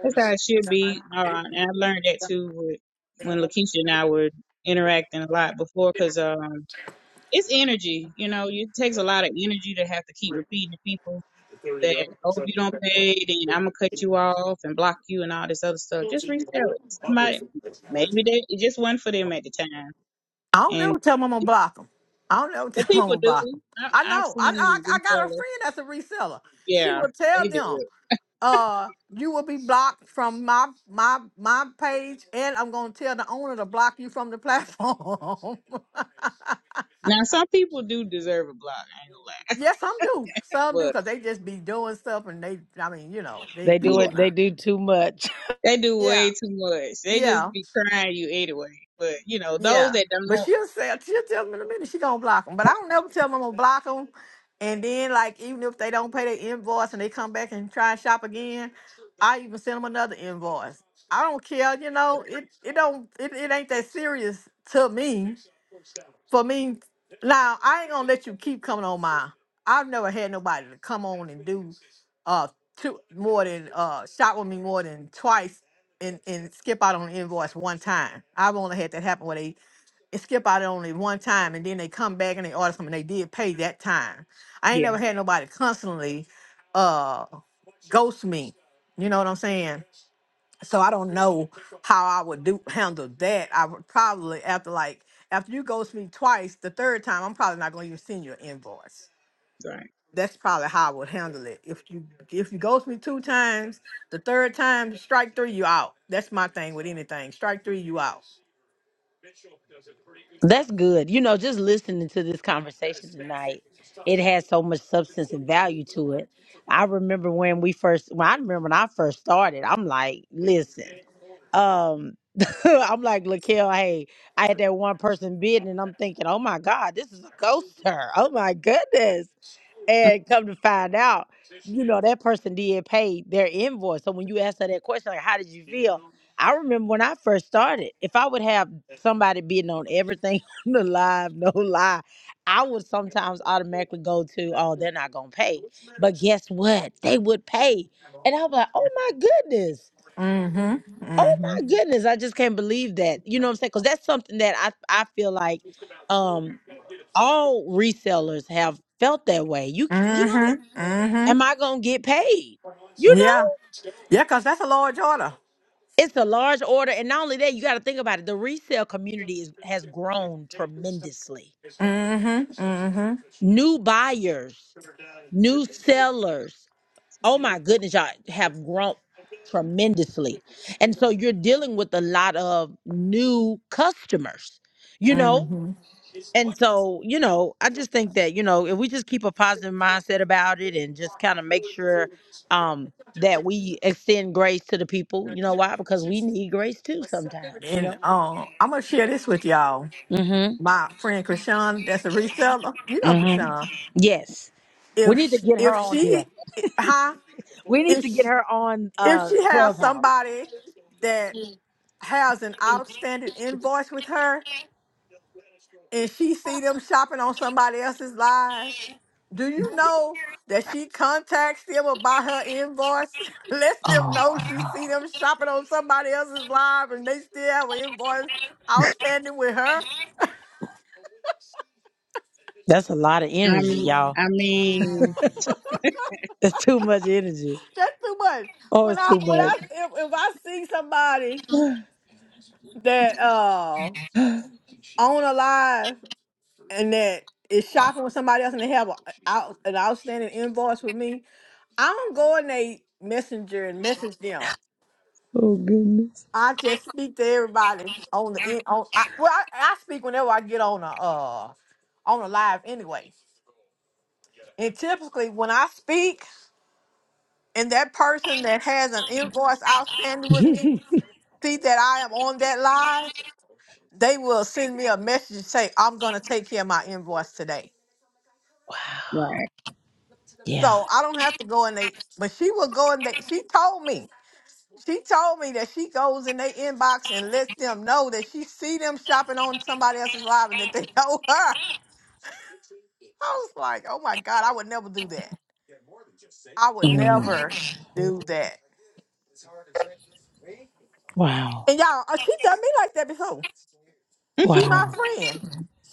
Speaker 3: that's how it should be uh, and i learned that too with, when lakeisha and i were interacting a lot before because um it's energy you know it takes a lot of energy to have to keep repeating to people that oh if you don't pay then i'm gonna cut you off and block you and all this other stuff just resell it somebody maybe they it just wasn't for them at the time
Speaker 2: I don't know.
Speaker 3: and
Speaker 2: Tell them I'm gonna block them. I don't know. [laughs] Tell
Speaker 3: well,
Speaker 2: them I'm
Speaker 3: people
Speaker 2: gonna
Speaker 3: do.
Speaker 2: block them. I
Speaker 3: I, I've
Speaker 2: know. I I,
Speaker 3: seen
Speaker 2: I got a
Speaker 3: resellers.
Speaker 2: friend that's a reseller. She
Speaker 3: Yeah,
Speaker 2: will
Speaker 3: they
Speaker 2: tell
Speaker 3: do.
Speaker 2: them. uh you will be blocked from my my my page and i'm gonna tell the owner to block you from the platform
Speaker 3: Now some people do deserve a block. I ain't gonna
Speaker 2: [laughs] yeah some do some do
Speaker 3: lie, but
Speaker 2: because they just be doing stuff and they i mean you know they
Speaker 1: They
Speaker 2: come
Speaker 1: do
Speaker 3: yeah,
Speaker 2: on
Speaker 1: it.
Speaker 2: now
Speaker 1: They do too much.
Speaker 3: they do
Speaker 2: yeah
Speaker 3: way too much. They just
Speaker 2: yeah
Speaker 3: be trying you anyway. But you know those
Speaker 2: Yeah,
Speaker 3: that don't
Speaker 2: but
Speaker 3: know,
Speaker 2: she'll say she'll tell me in a minute she gonna block them. But I don't never tell them I'm gonna block them. And then like even if they don't pay their invoice and they come back and try and shop again, I even send them another invoice. I don't care, you know. It it don't it, it ain't that serious to me. For me, now I ain't gonna let you keep coming on mine. I've never had nobody to come on and do uh two more than uh shop with me more than twice and and skip out on the invoice one time. I've only had that happen where they and skip out on it one time and then they come back and they order something and they did pay that time. I ain't
Speaker 3: yeah,
Speaker 2: never had nobody constantly uh ghost me. You know what I'm saying? So I don't know how I would do handle that. I would probably after like after you ghost me twice, the third time I'm probably not gonna even send you an invoice.
Speaker 3: right.
Speaker 2: That's probably how I would handle it. If you if you ghost me two times, the third time strike three you out. That's my thing with anything. Strike three you out.
Speaker 1: That's good. You know, just listening to this conversation tonight, it has so much substance and value to it. I remember when we first, when I remember when I first started, I'm like, listen, um, [laughs] I'm like, Laquel, hey, I had that one person bidding, and I'm thinking, oh my God, this is a coaster. Oh my goodness.
Speaker 3: [laughs]
Speaker 1: And come to find out, you know, that person did pay their invoice. So when you ask her that question, like, how did you feel? I remember when I first started, if I would have somebody bidding on everything [laughs] on the live, no lie, I would sometimes automatically go to, oh, they're not going to pay. But guess what? They would pay. And I was like, oh my goodness.
Speaker 2: Mm-hmm.
Speaker 1: Oh
Speaker 2: Mm-hmm.
Speaker 1: my goodness. I just can't believe that. You know what I'm saying? Because that's something that I, I feel like um, all resellers have felt that way. You, c- you know?
Speaker 2: Mm-hmm.
Speaker 1: am
Speaker 2: Mm-hmm.
Speaker 1: I gonna get paid? You
Speaker 2: Yeah.
Speaker 1: know,
Speaker 2: Yeah, because that's a large order.
Speaker 1: it's a large order, and not only that, you got to think about it. The resale community is, has grown tremendously.
Speaker 2: Mm-hmm. Mm-hmm.
Speaker 1: New buyers, new sellers. Oh my goodness, y'all have grown tremendously, and so you're dealing with a lot of new customers. You know.
Speaker 2: Mm-hmm.
Speaker 1: And so, you know, I just think that, you know, if we just keep a positive mindset about it and just kind of make sure um that we extend grace to the people, you know why? Because we need grace too sometimes, you
Speaker 2: And
Speaker 1: know?
Speaker 2: uh, I'm gonna share this with y'all.
Speaker 1: Mm-hmm.
Speaker 2: My friend Krishan, that's a reseller. You know
Speaker 1: Mm-hmm.
Speaker 2: Krishan.
Speaker 1: Yes. We
Speaker 2: If
Speaker 1: need to
Speaker 2: sh-
Speaker 1: get her
Speaker 2: if
Speaker 1: on
Speaker 2: she,
Speaker 1: here.
Speaker 2: huh?
Speaker 1: We need to get
Speaker 2: If
Speaker 1: her on
Speaker 2: if
Speaker 1: uh
Speaker 2: she has
Speaker 1: Clubhouse.
Speaker 2: somebody that has an outstanding invoice with her, and she see them shopping on somebody else's live. Do you know that she contacts them about her invoice? [laughs] Lets them
Speaker 1: Oh,
Speaker 2: know she see
Speaker 1: wow.
Speaker 2: them shopping on somebody else's live and they still have an invoice outstanding with her.
Speaker 1: That's a lot of
Speaker 3: I'm,
Speaker 1: energy, y'all.
Speaker 3: I mean,
Speaker 1: It's too much energy.
Speaker 2: That's too much.
Speaker 1: Oh,
Speaker 2: When
Speaker 1: it's
Speaker 2: I
Speaker 1: too
Speaker 2: when
Speaker 1: much.
Speaker 2: I if, if I see somebody
Speaker 1: [gasps]
Speaker 2: that uh
Speaker 1: [sighs]
Speaker 2: on a live and that is shopping with somebody else and they have a, out, an outstanding invoice with me, I don't go in they messenger and message them.
Speaker 1: oh goodness.
Speaker 2: I just speak to everybody on the in on. I, well, I, I speak whenever I get on a uh on a live anyway. And typically, when I speak, and that person that has an invoice outstanding
Speaker 1: [laughs]
Speaker 2: with me see that I am on that live, they will send me a message and say, "I'm gonna take care of my invoice today."
Speaker 1: wow.
Speaker 3: right.
Speaker 1: Yeah.
Speaker 2: So I don't have to go in they. But she will go in they. She told me. She told me that she goes in their inbox and lets them know that she see them shopping on somebody else's live and that they [laughs] know her. I was like, oh my God, I would never do that. I would never
Speaker 1: Mhm.
Speaker 2: do that.
Speaker 1: Wow.
Speaker 2: And y'all, uh, she done me like that before. She my
Speaker 1: Wow.
Speaker 2: friend.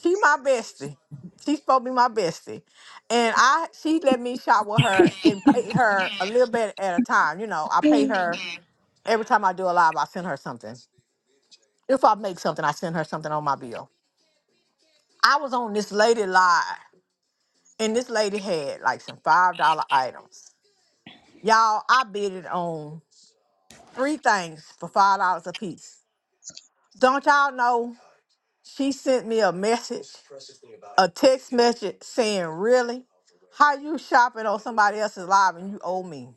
Speaker 2: She my bestie. She's supposed to be my bestie. And I she let me shop with her and pay her a little bit at a time. You know, I pay
Speaker 1: [laughs]
Speaker 2: her every time I do a live, I send her something. If I make something, I send her something on my bill. I was on this lady live and this lady had like some five dollar items. Y'all, I bid it on Three things for five dollars a piece. Don't y'all know she sent me a message, a text message saying, Really? How you shopping on somebody else's live and you owe me?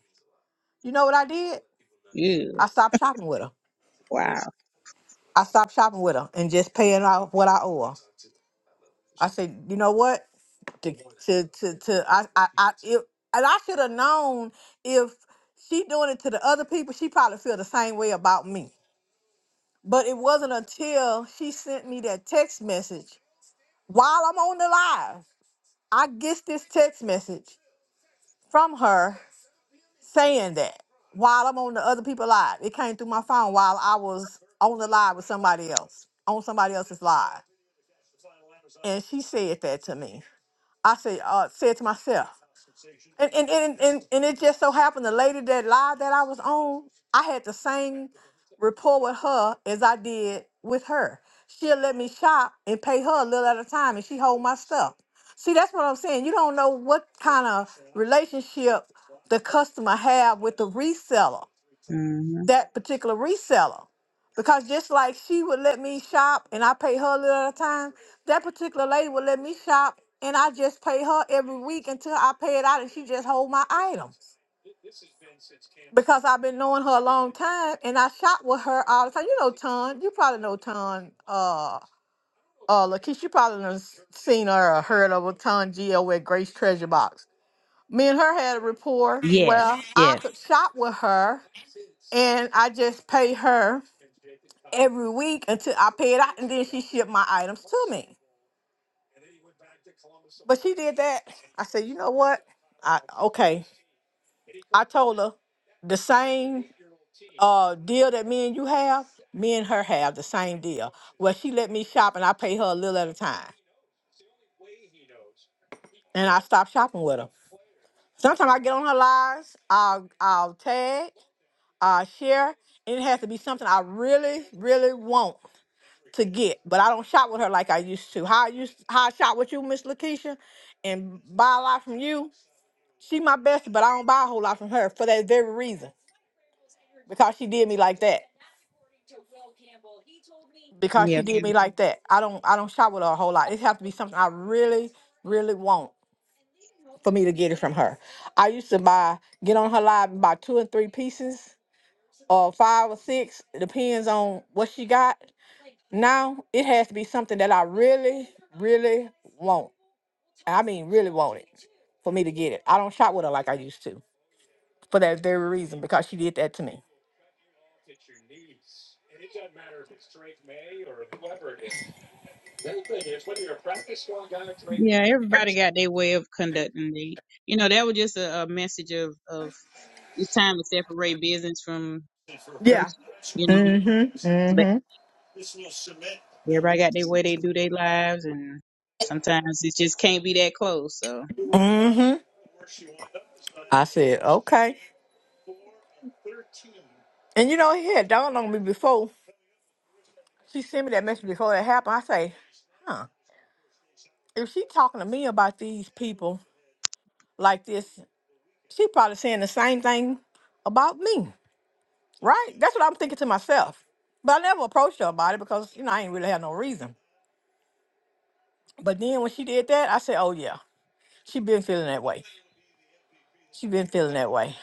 Speaker 2: You know what I did?
Speaker 3: [laughs] Ew.
Speaker 2: I stopped shopping with her.
Speaker 3: Wow.
Speaker 2: I stopped shopping with her and just paying off what I owe her. I said, you know what? To to to, to I I, I if, and I should have known if she doing it to the other people, she probably feel the same way about me. But it wasn't until she sent me that text message While I'm on the live, I get this text message from her saying that while I'm on the other people live. It came through my phone while I was on the live with somebody else, on somebody else's live. And she said that to me. I said, uh, said to myself, And and, and and and it just so happened the lady that live that I was on, I had the same rapport with her as I did with her. She'll let me shop and pay her a little at a time and she hold my stuff. See, that's what I'm saying. You don't know what kind of relationship the customer have with the reseller
Speaker 3: hmm
Speaker 2: that particular reseller. Because just like she would let me shop and I pay her a little at a time, that particular lady would let me shop and I just pay her every week until I pay it out and she just hold my items. Because I've been knowing her a long time and I shop with her all the time. You know Ton, you probably know Ton, uh uh Lakeisha, you probably done s- seen her or heard of a Ton Geo at Grace Treasure Box. Me and her had a rapport.
Speaker 1: Yes,
Speaker 2: Well, I
Speaker 1: yes.
Speaker 2: could shop with her and I just pay her. every week until I pay it out, and then she shipped my items to me. But she did that. I said, you know what? I okay. I told her the same uh deal that me and you have. Me and her have the same deal. Well, she let me shop, and I pay her a little at a time, and I stop shopping with her. Sometimes I get on her lives. I'll I'll tag. I'll share. And it has to be something I really, really want. to get, but I don't shop with her like I used to. How I used how I shop with you, Miss Lakeisha, and buy a lot from you. She my best, but I don't buy a whole lot from her for that very reason. Because she did me like that. Because
Speaker 3: Yeah.
Speaker 2: she did me like that. I don't I don't shop with her a whole lot. It have to be something I really, really want for me to get it from her. I used to buy get on her live and buy two and three pieces or five or six. It depends on what she got. Now it has to be something that I really, really want I mean, really want it for me to get it. I don't shop with her like I used to for that very reason because she did that to me.
Speaker 3: Yeah. Everybody got their way of conducting. They, you know, that was just a, a message of of it's time to separate business from
Speaker 2: Yeah.
Speaker 3: personal. You know.
Speaker 2: Mm-hmm. Mm-hmm.
Speaker 3: Everybody got their way they do their lives, and sometimes it just can't be that close. So,
Speaker 2: Mm-hmm. I said, okay. And you know, it had dawned on me before she sent me that message before that happened. I say, huh, if she talking to me about these people like this, she probably saying the same thing about me, right? That's what I'm thinking to myself. But I never approached her about it because, you know, I ain't really had no reason. But then when she did that, I said, oh, yeah. She been feeling that way. She been feeling that way.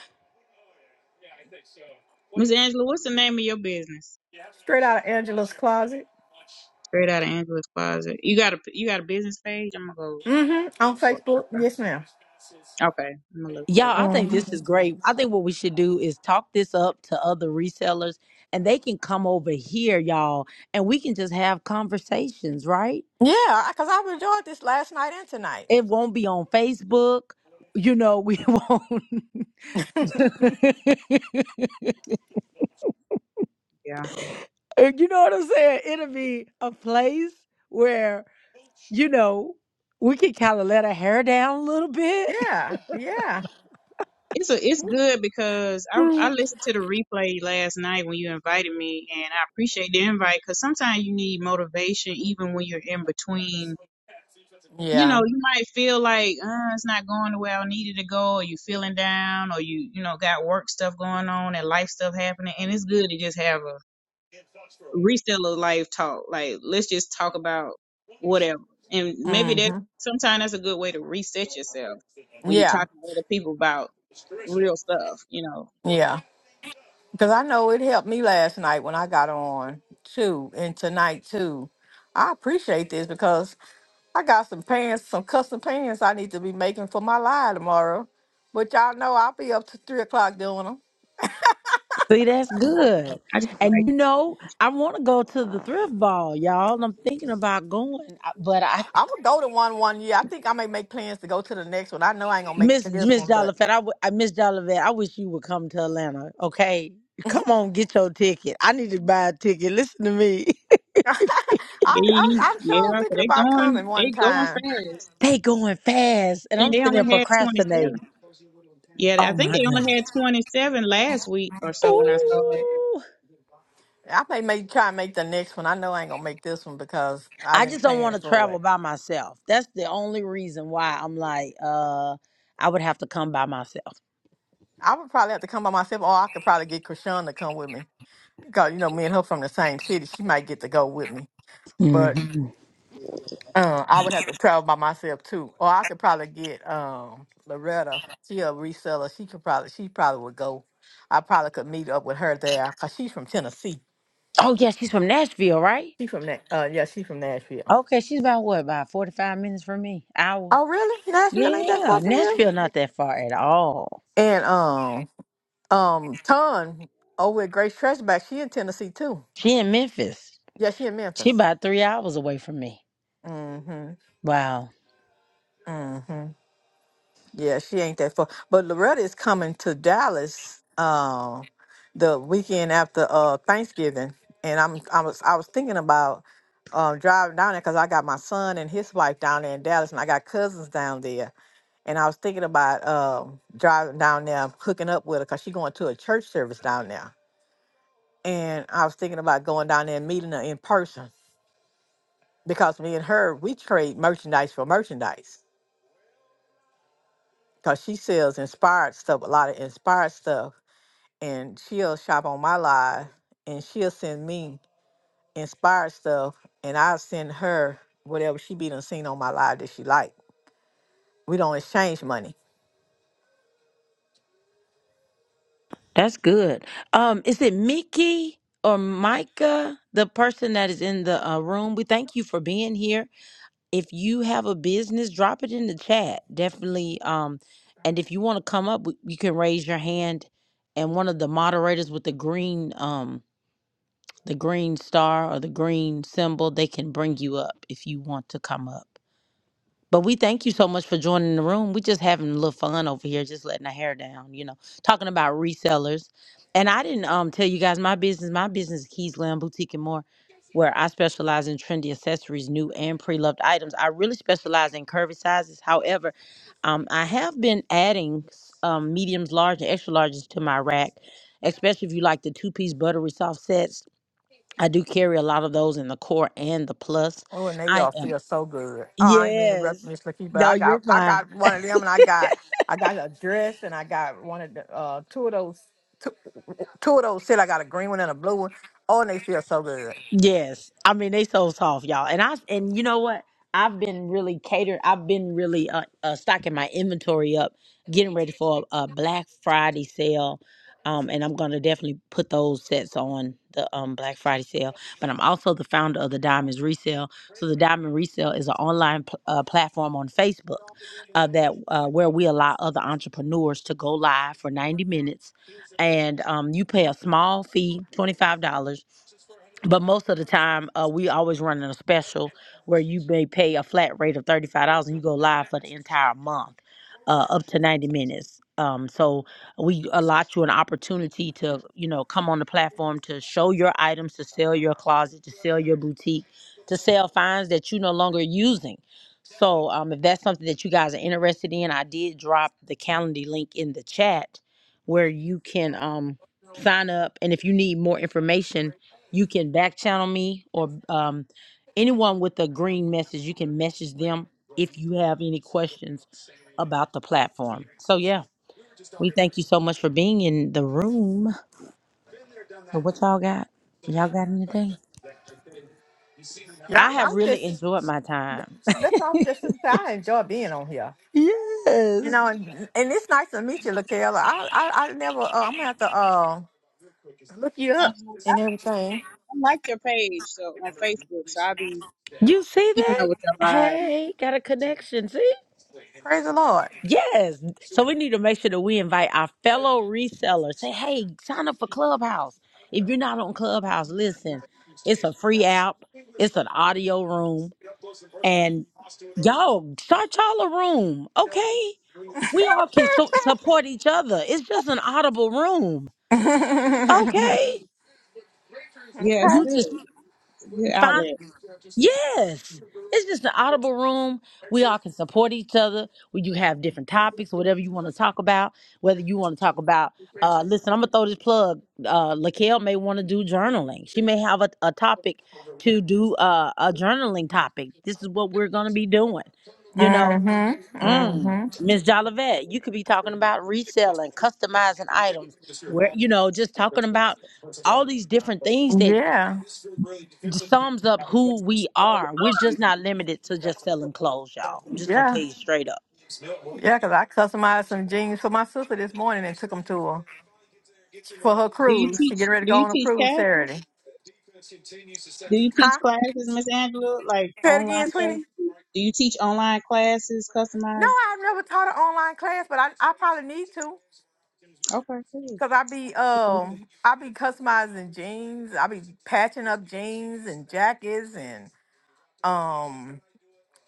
Speaker 3: Miss Angela, what's the name of your business?
Speaker 2: Straight out of Angela's closet.
Speaker 3: Straight out of Angela's closet. You got a you got a business page? I'm gonna go.
Speaker 2: Mm-hmm. On Facebook. Yes, madam
Speaker 3: Okay, I'm gonna look
Speaker 1: Y'all,
Speaker 3: for it.
Speaker 1: I think this
Speaker 2: Mm-hmm.
Speaker 1: is great. I think what we should do is talk this up to other resellers and they can come over here, y'all, and we can just have conversations, right?
Speaker 2: Yeah, because I've enjoyed this last night and tonight.
Speaker 1: It won't be on Facebook. You know, we [laughs] won't. [laughs] you
Speaker 3: Yeah,
Speaker 1: know what I'm saying? It'll be a place where, you know, we can kind of let our hair down a little bit.
Speaker 2: Yeah, yeah.
Speaker 3: it's a it's good because I
Speaker 1: [laughs]
Speaker 3: I listened to the replay last night when you invited me, and I appreciate the invite because sometimes you need motivation even when you're in between you
Speaker 2: Yeah.
Speaker 3: know, you might feel like uh, it's not going the way I needed to go, or you feeling down, or you you know got work stuff going on and life stuff happening, and it's good to just have a reseller life talk. Like let's just talk about whatever, and maybe that
Speaker 2: Mm-hmm.
Speaker 3: sometimes that's a good way to reset yourself when you're
Speaker 2: Yeah.
Speaker 3: talking to other people about real stuff. You know,
Speaker 2: Yeah. Because I know it helped me last night when I got on too, and tonight too. I appreciate this because I got some pants, some custom pants I need to be making for my lie tomorrow. But y'all know I'll be up to three o'clock doing 'em.
Speaker 1: See, that's good.
Speaker 3: I just like
Speaker 1: And you know, I want to go to the thrift ball, y'all. And I'm thinking about going, I- but I
Speaker 2: I'm gonna go to one one year. I think I may make plans to go to the next one. I know I ain't gonna make it
Speaker 1: miss
Speaker 2: to this
Speaker 1: Miss
Speaker 2: one, but
Speaker 1: Jollivet. I, w- I miss Jollivet. I wish you would come to Atlanta. Okay, come
Speaker 2: [laughs]
Speaker 1: on, get your ticket. I need to buy a ticket. Listen to me.
Speaker 2: I, I
Speaker 3: they,
Speaker 2: I'm
Speaker 3: yeah,
Speaker 2: sure
Speaker 3: 'cause
Speaker 2: thinking
Speaker 3: they
Speaker 2: about coming
Speaker 3: going
Speaker 2: one
Speaker 3: they going
Speaker 2: time.
Speaker 3: fast.
Speaker 1: [laughs] they going fast, and
Speaker 3: I think
Speaker 1: I'm
Speaker 3: they
Speaker 1: sitting there
Speaker 3: only had twenty seven.
Speaker 1: procrastinating.
Speaker 3: Yeah,
Speaker 1: Oh
Speaker 3: I think
Speaker 1: my
Speaker 3: they only
Speaker 1: goodness.
Speaker 3: had twenty seven last week or so when I saw it.
Speaker 1: Ooh.
Speaker 2: I may make try and make the next one. I know I ain't gonna make this one because I
Speaker 1: I just
Speaker 2: didn't
Speaker 1: don't want
Speaker 2: plan
Speaker 1: to
Speaker 2: for
Speaker 1: travel
Speaker 2: it.
Speaker 1: by myself. That's the only reason why I'm like, uh, I would have to come by myself.
Speaker 2: I would probably have to come by myself, or I could probably get Krishan to come with me. Cause you know me and her from the same city. She might get to go with me, but. Uh, I would have to travel by myself too, or I could probably get um Loretta. She a reseller. She could probably she probably would go. I probably could meet up with her there because she's from Tennessee.
Speaker 1: Oh yeah, she's from Nashville, right?
Speaker 2: She from that. Uh, yeah, she's from Nashville.
Speaker 1: Okay, she's about what, about forty five minutes from me? Hour.
Speaker 2: Oh, really? Nashville ain't that
Speaker 1: Yeah,
Speaker 2: far from you?
Speaker 1: Nashville not that far at all.
Speaker 2: And um, um, Ton over at Grace Trashback, she in Tennessee too.
Speaker 1: She in Memphis.
Speaker 2: Yeah, she in
Speaker 1: She
Speaker 2: Memphis.
Speaker 1: about three hours away from me.
Speaker 2: Mm hmm.
Speaker 1: Wow.
Speaker 2: Mm-hmm. Yeah, she ain't that far. But Loretta is coming to Dallas uh, the weekend after uh, Thanksgiving, and I'm I was I was thinking about um, driving down there because I got my son and his wife down there in Dallas, and I got cousins down there, and I was thinking about um, driving down there, hooking up with her because she's going to a church service down there, and I was thinking about going down there and meeting her in person because me and her we trade merchandise for merchandise because she sells inspired stuff, a lot of inspired stuff and she'll shop on my live and she'll send me inspired stuff and I'll send her whatever she be done seen on my live that she like. We don't exchange money.
Speaker 1: That's good. Um, is it Mickey or Micah, the person that is in the uh, room? We thank you for being here. If you have a business, drop it in the chat. Definitely. Um, and if you want to come up, w- you can raise your hand, and one of the moderators with the green um the green star or the green symbol, they can bring you up if you want to come up. But we thank you so much for joining the room. We're just having a little fun over here, just letting our hair down, you know, talking about resellers. And I didn't um tell you guys my business. My business is Keys Land Boutique and More, where I specialize in trendy accessories, new and pre-loved items. I really specialize in curvy sizes. However, um, I have been adding um, mediums, large, and extra larges to my rack, especially if you like the two-piece buttery soft sets I do carry a lot of those in the core and the plus.
Speaker 2: Oh, and they
Speaker 1: I
Speaker 2: y'all
Speaker 1: am
Speaker 2: feel so good. Oh, I ain't mean to interrupt
Speaker 1: yes.
Speaker 2: Miss Lakeith, but
Speaker 1: No,
Speaker 2: I
Speaker 1: you're
Speaker 2: got I
Speaker 1: fine.
Speaker 2: got one of them and I got I got a dress and I got one of the uh two of those two, two of those set. I got a green one and a blue one. Oh, and they feel so good.
Speaker 1: Yes. I mean, they so soft, y'all. And I and you know what? I've been really catering. I've been really uh, uh stocking my inventory up, getting ready for a, a Black Friday sale. Um, and I'm gonna definitely put those sets on the um Black Friday sale. But I'm also the founder of the Diamonds Resale. So the Diamond Resale is an online pl- uh, platform on Facebook uh, that uh, where we allow other entrepreneurs to go live for 90 minutes, and um, you pay a small fee, twenty five dollars but most of the time uh, we always running a special where you may pay a flat rate of $35 and you go live for the entire month uh, up to 90 minutes um, so we allot you an opportunity to you know come on the platform to show your items to sell your closet to sell your boutique to sell finds that you no longer using so um, if that's something that you guys are interested in i did drop the calendar link in the chat where you can um, sign up and if you need more information you can back channel me or um, anyone with a green message. You can message them if you have any questions about the platform. So, yeah, we thank you so much for being in the room. So, what y'all got? Y'all got anything?
Speaker 2: Yeah,
Speaker 1: I
Speaker 2: I'm,
Speaker 1: have
Speaker 2: I'm
Speaker 1: really
Speaker 2: just
Speaker 1: enjoyed my time.
Speaker 2: that's all. Just I enjoy being on here.
Speaker 1: [laughs]
Speaker 2: You
Speaker 1: Yes.
Speaker 2: know, and, and it's nice to meet you, Lakayla. I, I, I never, uh, I'm gonna have to uh, look you up
Speaker 3: I
Speaker 2: and everything.
Speaker 3: like your page so on Facebook, so I'll be
Speaker 1: You see
Speaker 3: keeping
Speaker 1: that?
Speaker 3: up with your live.
Speaker 1: Hey, got a connection. see?
Speaker 2: Praise the Lord.
Speaker 1: Yes. So we need to make sure that we invite our fellow resellers. Say, hey, sign up for Clubhouse. If you're not on Clubhouse, listen, it's a free app, it's an audio room. And y'all, start y'all a room, okay? We all can su- support
Speaker 2: [laughs]
Speaker 1: each other. It's just an audible room, okay?
Speaker 3: Yeah, it's
Speaker 1: You just
Speaker 3: good. It's a good
Speaker 1: find.
Speaker 3: outlet.
Speaker 1: Yes. It's just an audible room. We all can support each other. We you have different topics, whatever you want to talk about, whether you want to talk about uh listen, I'm gonna throw this plug. Uh Laquelle may want to do journaling. She may have a, a topic to do uh a journaling topic. This is what we're gonna be doing. You know,
Speaker 2: mm-hmm,
Speaker 1: mm, Ms.
Speaker 2: mm-hmm.
Speaker 1: Jolivet, you could be talking about reselling, customizing items, where you know, just talking about all these different things that
Speaker 2: Yeah,
Speaker 1: sums up who we are. We're just not limited to just selling clothes, y'all. I'm just gonna
Speaker 2: yeah,
Speaker 1: tell you straight up.
Speaker 2: yeah. Cause I customized some jeans for my sister this morning and took them to her for her
Speaker 3: Do you
Speaker 2: cruise. She
Speaker 3: teach
Speaker 2: getting ready to
Speaker 3: do
Speaker 2: go
Speaker 3: you
Speaker 2: on a
Speaker 3: teach
Speaker 2: cruise
Speaker 3: classes?
Speaker 2: Saturday.
Speaker 3: Do you teach
Speaker 2: Huh?
Speaker 3: classes, Miss Angela? Like
Speaker 2: Say it
Speaker 3: online
Speaker 2: again,
Speaker 3: classes? Do you teach online classes,
Speaker 2: No,
Speaker 3: customized?
Speaker 2: I've never taught an online class, but I, I probably need to.
Speaker 3: Okay, cool.
Speaker 2: Cause I be um I be customizing jeans. I be patching up jeans and jackets and um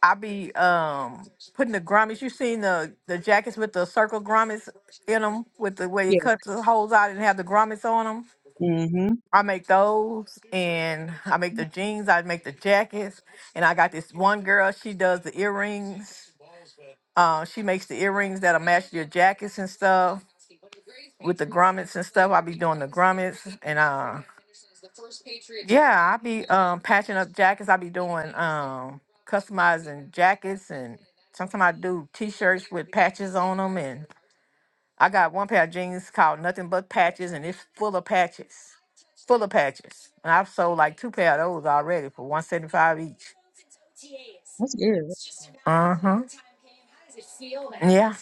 Speaker 2: I be um putting the grommets. You seen the the jackets with the circle grommets in them with the way you
Speaker 3: Yes.
Speaker 2: cut the holes out and have the grommets on them.
Speaker 3: Mm-hmm.
Speaker 2: I make those and I make the jeans. I make the jackets and I got this one girl. She does the earrings. Uh, she makes the earrings that'll match your jackets and stuff with the grommets and stuff. I be doing the grommets and uh yeah, I be um patching up jackets. I be doing um customizing jackets and sometimes I do t-shirts with patches on them and I got one pair of jeans called Nothing But Patches and it's full of patches. Full of patches. And I've sold like two pair of those already for 175 each.
Speaker 3: That's good. [laughs]
Speaker 2: Uh-huh. Yeah.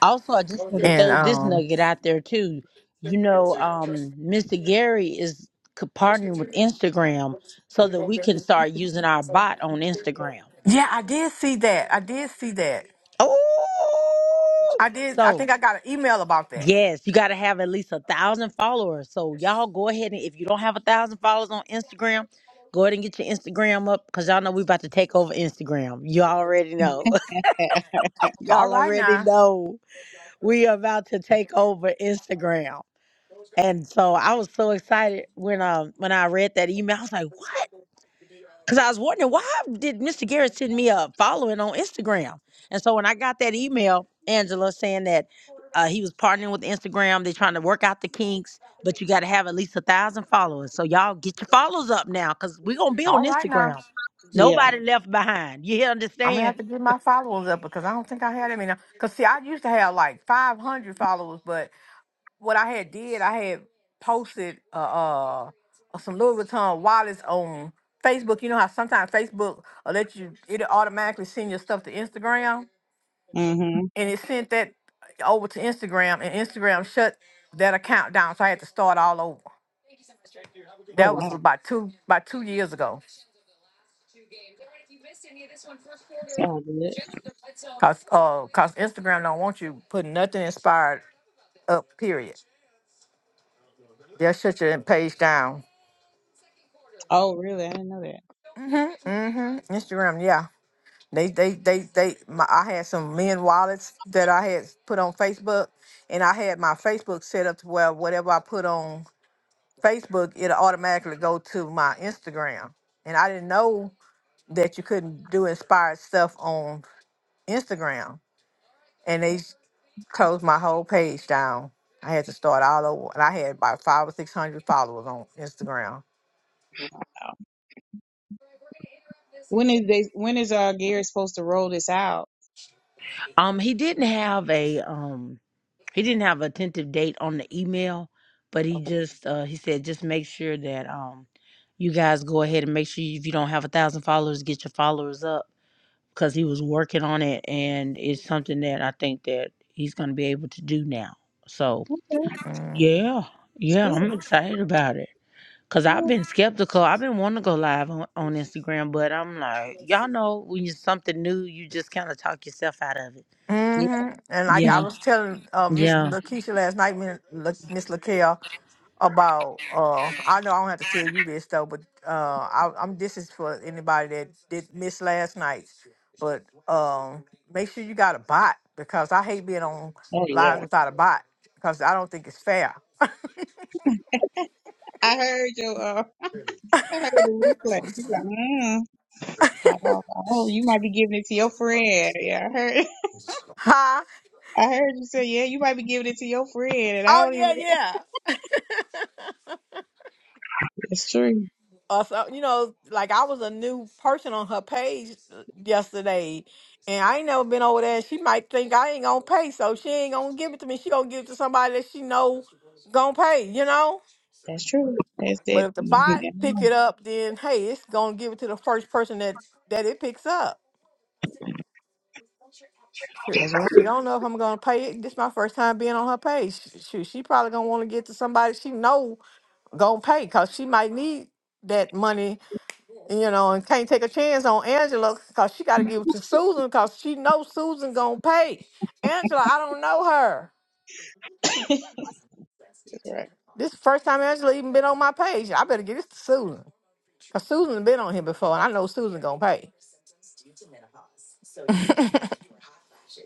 Speaker 1: Also, I just want to
Speaker 2: And
Speaker 1: throw this
Speaker 2: um
Speaker 1: nugget out there too. You know, um, Mr. Gary is co- partnering with Instagram so that we can start using our bot on Instagram.
Speaker 2: yeah, I did see that. I did see that.
Speaker 1: Oh,
Speaker 2: I did. I
Speaker 1: so
Speaker 2: think I got an email about that.
Speaker 1: yes, you got to have at least a thousand followers. So y'all go ahead and if you don't have a thousand followers on Instagram, go ahead and get your Instagram up because y'all know we about to take over Instagram. You already know.
Speaker 2: All
Speaker 1: Y'all
Speaker 2: right
Speaker 1: already
Speaker 2: now.
Speaker 1: know we are about to take over Instagram. And so I was so excited when um when I read that email. I was like, what? Because I was wondering why did Mr. Garrett send me a following on Instagram? And so when I got that email, Angela saying that uh, he was partnering with Instagram, they're trying to work out the kinks, but you got to have at least a thousand followers. So y'all get your followers up now, because we're gonna be
Speaker 2: All
Speaker 1: on
Speaker 2: right now.
Speaker 1: Instagram.
Speaker 3: Yeah.
Speaker 1: Nobody left behind. You hear-
Speaker 2: I'm gonna
Speaker 1: understand?
Speaker 2: have to get my followers up because I don't think I had any now. Cause see, I used to have like 500 followers, but what I had did, I had posted uh, uh uh, some Louis Vuitton wallets on Facebook. You know how sometimes Facebook will let you it automatically send your stuff to Instagram,
Speaker 3: Mm-hmm.
Speaker 2: and it sent that over to Instagram, and Instagram shut that account down, so I had to start all over.
Speaker 3: Oh
Speaker 2: That was
Speaker 3: wow.
Speaker 2: about two about two years ago.
Speaker 3: Sounds good.
Speaker 2: Cause uh, cause Instagram don't want you putting nothing inspired up. Period. They'll shut your page down.
Speaker 3: Oh really? I didn't know that.
Speaker 2: Mhm. Mhm. Instagram. Yeah. They they they they. My, I had some men wallets that I had put on Facebook, and I had my Facebook set up to where whatever I put on Facebook, it'll automatically go to my Instagram. And I didn't know that you couldn't do inspired stuff on Instagram. And they closed my whole page down. I had to start all over, and I had about five or six hundred followers on Instagram.
Speaker 3: When is they when is uh Gary supposed to roll this out?
Speaker 1: Um, he didn't have a um he didn't have a tentative date on the email, but he
Speaker 3: Okay.
Speaker 1: just uh, he said just make sure that um you guys go ahead and make sure if you don't have a thousand followers, get your followers up because he was working on it and it's something that I think that he's gonna be able to do now. So
Speaker 3: Okay.
Speaker 2: Mm.
Speaker 1: yeah,
Speaker 3: That's
Speaker 1: yeah, I'm
Speaker 3: good.
Speaker 1: excited about it. Cause I've
Speaker 3: Yeah.
Speaker 1: been skeptical. I've been wanting to go live on, on Instagram, but I'm like, y'all know when you something new, you just kind of talk yourself out of it.
Speaker 3: Yeah.
Speaker 2: Mm-hmm. And like I
Speaker 1: Yeah,
Speaker 2: was telling uh, Miss
Speaker 1: yeah.
Speaker 2: Lakeisha last night, Min- La- Miss Lakel, about uh, I know I don't have to tell you this though, but uh, I, I'm this is for anybody that did miss last night. But um, make sure you got a bot because I hate being on
Speaker 3: Oh yeah.
Speaker 2: lives without a bot because I don't think it's fair.
Speaker 3: I heard your, uh, I heard the replay. You like, mm, oh, oh, you might be giving it to your friend. Yeah, I heard,
Speaker 2: Huh?
Speaker 3: [laughs] I heard you say, yeah, you might be giving it to your friend, and I
Speaker 2: Oh
Speaker 3: don't
Speaker 2: yeah,
Speaker 3: even.
Speaker 2: yeah.
Speaker 3: That's true.
Speaker 2: or so you know like i was a new person on her page uh, yesterday and i ain't never been over there and she might think i ain't gonna pay so she ain't gonna give it to me she gonna give it to somebody that she know gonna pay you know
Speaker 3: That's true. That's
Speaker 2: but
Speaker 3: that.
Speaker 2: if the
Speaker 3: You
Speaker 2: bot
Speaker 3: never
Speaker 2: pick
Speaker 3: know.
Speaker 2: it up then hey it's gonna give it to the first person that that it picks up
Speaker 3: That's
Speaker 2: Shoot,
Speaker 3: right.
Speaker 2: she don't know if i'm gonna pay it this my first time being on her page Shoot, she probably gonna want to get to somebody she know gonna pay because she might need that money you know, and can't take a chance on Angela because she got to give it to Susan because she knows Susan gonna pay. Angela, I don't know her.
Speaker 3: That's right.
Speaker 2: This is the first time Angela even been on my page. I better get this to Susan because Susan been on here before, and I know Susan gonna pay.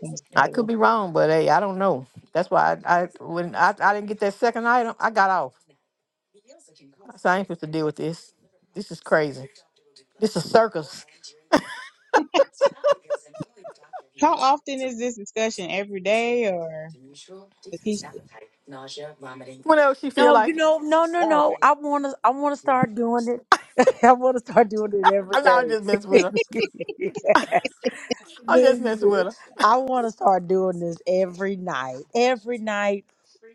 Speaker 3: That's
Speaker 2: I could
Speaker 3: better.
Speaker 2: be wrong, but hey, I don't know. That's why I, I when I, I didn't get that second item, I got off. I I ain't supposed to deal with this. This is crazy. This is circus. [laughs]
Speaker 3: How often is this discussion? Every day or the teacher?
Speaker 2: What else she feel
Speaker 1: No, you
Speaker 2: like?
Speaker 1: know, no, no,
Speaker 3: Oh,
Speaker 1: no.
Speaker 3: okay.
Speaker 1: I wanna I wanna start doing it. [laughs] I wanna start doing it every
Speaker 2: I'm not I'm just messing with her.
Speaker 1: day. [laughs]
Speaker 2: I'm just messing
Speaker 1: Listen,
Speaker 2: with
Speaker 1: I
Speaker 2: her.
Speaker 1: wanna start doing this every night. Every night.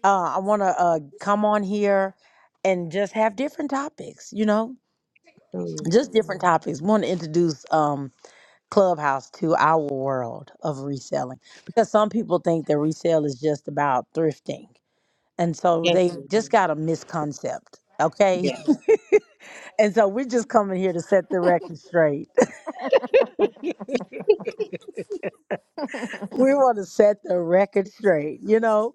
Speaker 1: Uh I wanna uh come on here and just have different topics, you know?
Speaker 3: Cool.
Speaker 1: Just different topics. Wanna introduce um Clubhouse to our world of reselling. Because some people think that resale is just about thrifting. And so
Speaker 3: Yes.
Speaker 1: they
Speaker 3: yes,
Speaker 1: just got a misconcept. Okay. [laughs]
Speaker 3: Yeah.
Speaker 1: And so we're just coming here to set the record straight. [laughs]
Speaker 2: [laughs]
Speaker 1: We want to set the record straight, you know?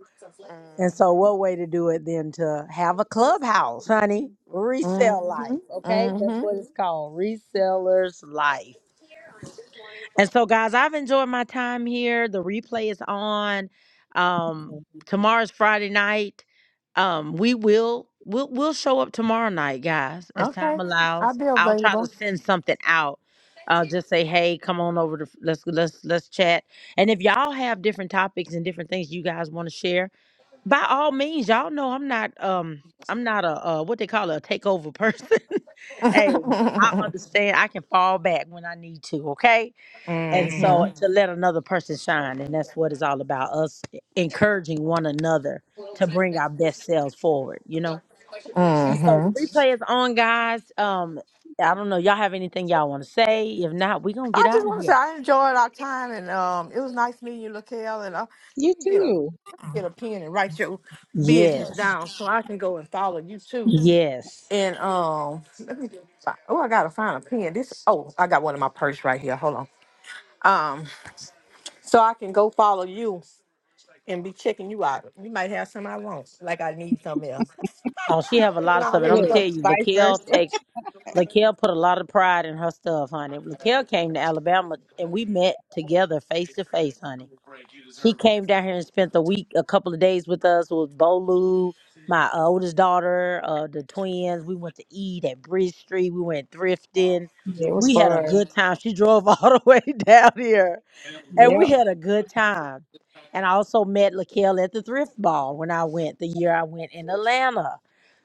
Speaker 1: And so,
Speaker 2: mhm.
Speaker 1: what way to do it than to have a clubhouse, honey? Resell
Speaker 2: Mhm.
Speaker 1: life, okay? That's
Speaker 2: Mhm.
Speaker 1: what it's called. Reseller's life. And so, guys, I've enjoyed my time here. The replay is on. Um, tomorrow's Friday night. Um, we will we'll we'll show up tomorrow night, guys, as time
Speaker 2: Okay. I'll
Speaker 1: allows.
Speaker 2: be
Speaker 1: I'll try to
Speaker 2: available.
Speaker 1: send something out. Uh, just say, hey, come on over to let's let's let's chat. And if y'all have different topics and different things you guys want to share, by all means, y'all know I'm not um I'm not a uh, what they call a takeover person. [laughs] hey, I
Speaker 2: [laughs] mhm.
Speaker 1: understand. I can fall back when I need to. Okay and so to let another person shine, and that's what it's all about us e, encouraging one another to bring our best selves forward, you know? And so the
Speaker 2: Mhm.
Speaker 1: replay is on, guys. Um, I don't know, y'all have anything y'all want to say? If not, we're gonna get
Speaker 2: I just
Speaker 1: out of
Speaker 2: want to say
Speaker 1: here.
Speaker 2: I enjoyed our time and um, it was nice meeting you, Lakel. And uh,
Speaker 3: You
Speaker 2: let me get a
Speaker 3: too.
Speaker 2: get a pen and write your business
Speaker 1: Yes.
Speaker 2: down so I can go and follow you too.
Speaker 1: Yes.
Speaker 2: And um, let me fi- oh, I gotta find a pen. This oh, I got one in my purse right here. Hold on. Um, so I can go follow you and be checking you out. You might have something I want, like I need something else. [laughs]
Speaker 1: Oh, she have a lot of
Speaker 2: Nah,
Speaker 1: stuff. And
Speaker 2: wait a
Speaker 1: I'm gonna
Speaker 3: Look,
Speaker 1: tell
Speaker 2: minute.
Speaker 1: you,
Speaker 3: vice versa.
Speaker 1: Laquel takes Laquel put a lot of pride in her stuff, honey. Laquel came to Alabama and we met together face to face, honey She came down here and spent a week, a couple of days with us with Bolu, my uh, oldest daughter, uh, the twins. We went to eat at Bridge Street. We went thrifting.
Speaker 3: Yeah, it was
Speaker 1: We had a
Speaker 3: fun.
Speaker 1: good time. She drove [laughs] all the way down here, and we
Speaker 3: Yep.
Speaker 1: had a good time. And I also met Lakel at the thrift ball when I went the year I went in Atlanta.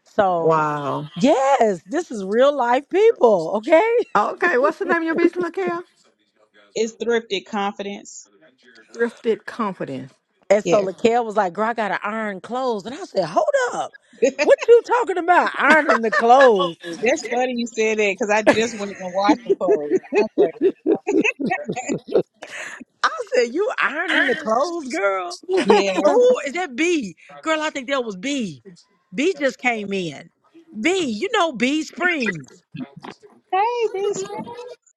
Speaker 1: So
Speaker 2: Wow.
Speaker 1: yes, this is real life people, okay?
Speaker 2: Okay, what's the name of your business, LaKel?
Speaker 3: It's thrifted confidence.
Speaker 2: Thrifted Confidence.
Speaker 1: And so
Speaker 3: Yeah.
Speaker 1: Lakel was like, girl, I gotta iron clothes. And I said, hold up.
Speaker 3: [laughs]
Speaker 1: What you talking about? Ironing the clothes.
Speaker 3: That's funny you said that because I just went and washed some clothes. I was like,
Speaker 1: I said, you ironing the clothes, girl?
Speaker 3: yeah.
Speaker 1: Oh, is that B? Girl, I think that was B. B just came in. B, you know B Springs.
Speaker 3: Hey, this friend.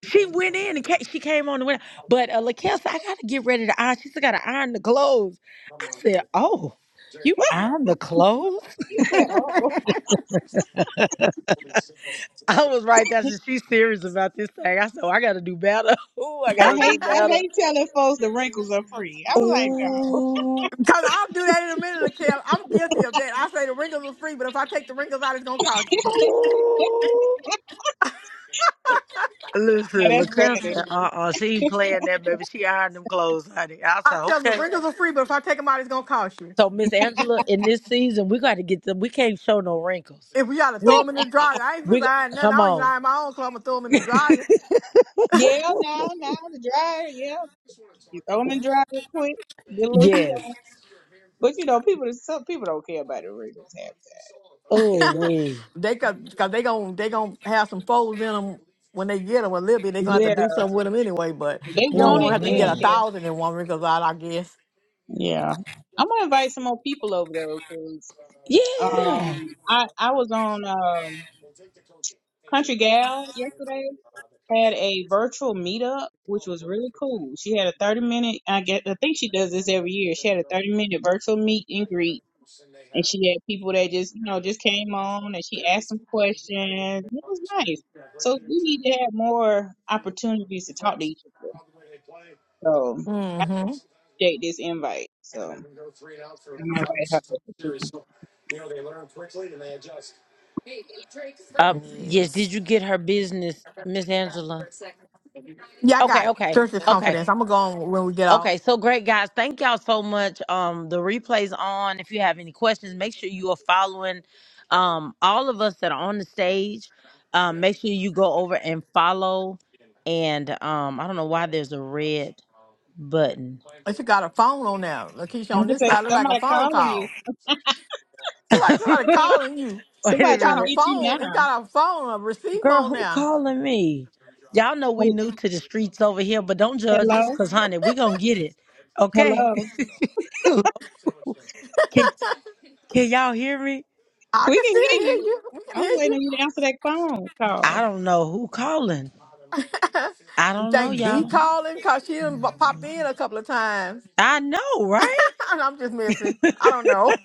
Speaker 1: She went in and ca- she came on the window. But uh, Lakel said, I gotta get ready to iron. She said, gotta iron the clothes. I said, oh, you iron the clothes? [laughs]
Speaker 3: You said, oh,
Speaker 1: I was right. That's she's serious about this thing. I said, oh, I gotta do better. [laughs] Oh, I
Speaker 3: I
Speaker 1: gotta
Speaker 2: [laughs]
Speaker 1: do
Speaker 3: hate,
Speaker 2: Cause
Speaker 3: I
Speaker 1: better.
Speaker 3: hate telling folks the wrinkles are free. I
Speaker 1: Ooh,
Speaker 3: was like, God,
Speaker 2: I'll do that in a minute, LaKel. I'm guilty of that. I say the wrinkles are free, but if I take the wrinkles out, it's gonna cost you.
Speaker 1: ooh. Listen,
Speaker 3: now that's
Speaker 1: LaCamp
Speaker 3: funny.
Speaker 1: said, uh-uh, she ain't playing that, baby. She ironed them clothes, honey. I
Speaker 2: I
Speaker 1: said,
Speaker 2: tell them the
Speaker 1: okay.
Speaker 2: wrinkles are free, but if I take them out, it's gonna cost you.
Speaker 1: So, Miss Angela, in this season, we got to get them. We can't show no wrinkles.
Speaker 2: If we gotta throw
Speaker 1: We,
Speaker 2: them in the dryer, I ain't supposed
Speaker 1: we,
Speaker 2: to iron nothing. I
Speaker 1: come
Speaker 2: don't even
Speaker 1: on.
Speaker 2: iron my own clothes. I'm gonna throw them in the
Speaker 1: [laughs]
Speaker 2: dryer.
Speaker 3: Yeah, now, now the dryer. Yeah, you throw them in the dryer real quick. Get a little heat
Speaker 1: Yes.
Speaker 3: on. But you know, people, some people don't care about the wrinkles. Half the time.
Speaker 1: Oh,
Speaker 3: They just-
Speaker 1: we.
Speaker 2: [laughs] they could, cause they gon' they gon' have some folds in them when they get them a little bit. They gonna have to
Speaker 3: yeah,
Speaker 2: do something with them anyway. But
Speaker 3: they
Speaker 2: you don't
Speaker 3: want
Speaker 2: want to
Speaker 3: it.
Speaker 2: have to
Speaker 3: They
Speaker 2: get
Speaker 3: don't
Speaker 2: a
Speaker 1: hmm
Speaker 3: care.
Speaker 2: thousand in one because out, I guess.
Speaker 3: Yeah, I'm gonna invite some more people over though, cause
Speaker 1: Yeah.
Speaker 3: um, I I was on um Country Gal yesterday had a virtual meetup, which was really cool. She had a 30 minute, I guess, I think she does this every year. She had a 30 minute virtual meet and greet. And she had people that just, you know, just came on and she asked them questions. It was nice. So we need to have more opportunities to talk to each other. So I
Speaker 2: Mm-hmm.
Speaker 3: appreciate this invite. So I'm gonna invite her.
Speaker 1: Uh, yes.
Speaker 2: Yes.
Speaker 1: Did you get her business, Miss Angela?
Speaker 2: Yeah, I got
Speaker 1: Okay.
Speaker 2: it.
Speaker 1: Okay.
Speaker 2: Church of
Speaker 1: Okay.
Speaker 2: confidence. I'm gonna go on when we get
Speaker 1: Okay,
Speaker 2: off.
Speaker 1: so great guys. Thank y'all so much. Um the replays on. If you have any questions, make sure you are following um all of us that are on the stage. Um make sure you go over and follow and um I don't know why there's a red button.
Speaker 2: Oh, she got a phone on now. Lakeisha
Speaker 3: I
Speaker 2: on
Speaker 3: could
Speaker 2: this
Speaker 3: say
Speaker 2: side
Speaker 1: I-
Speaker 2: look like a
Speaker 3: somebody
Speaker 2: phone
Speaker 3: calling you.
Speaker 2: call. Look like
Speaker 1: [laughs]
Speaker 2: somebody
Speaker 3: Somebody,
Speaker 2: calling you.
Speaker 1: Wait a
Speaker 2: You
Speaker 3: somebody trying to
Speaker 2: got a
Speaker 1: minute.
Speaker 3: get you now.
Speaker 2: phone. It got a phone, a receiver
Speaker 1: Girl,
Speaker 2: on
Speaker 1: who
Speaker 2: now.
Speaker 1: calling me? Y'all know we new to the streets over here, but don't judge
Speaker 3: Hello?
Speaker 1: us cuz honey, we going to get it. Okay?
Speaker 3: Hello?
Speaker 1: [laughs] can, can y'all hear me?
Speaker 2: I
Speaker 3: We
Speaker 2: can
Speaker 3: can
Speaker 2: still
Speaker 3: hear
Speaker 2: hear
Speaker 3: you.
Speaker 2: you. We can
Speaker 3: I
Speaker 2: hear
Speaker 3: was waiting on you to answer that phone
Speaker 1: I
Speaker 3: call.
Speaker 1: don't know who calling.
Speaker 2: you.
Speaker 1: I
Speaker 2: [laughs] you
Speaker 1: don't know
Speaker 2: think B
Speaker 1: y'all.
Speaker 2: calling because she done bu- popped in a couple of times.
Speaker 1: I know, right?
Speaker 2: [laughs] I'm just missing. I don't know.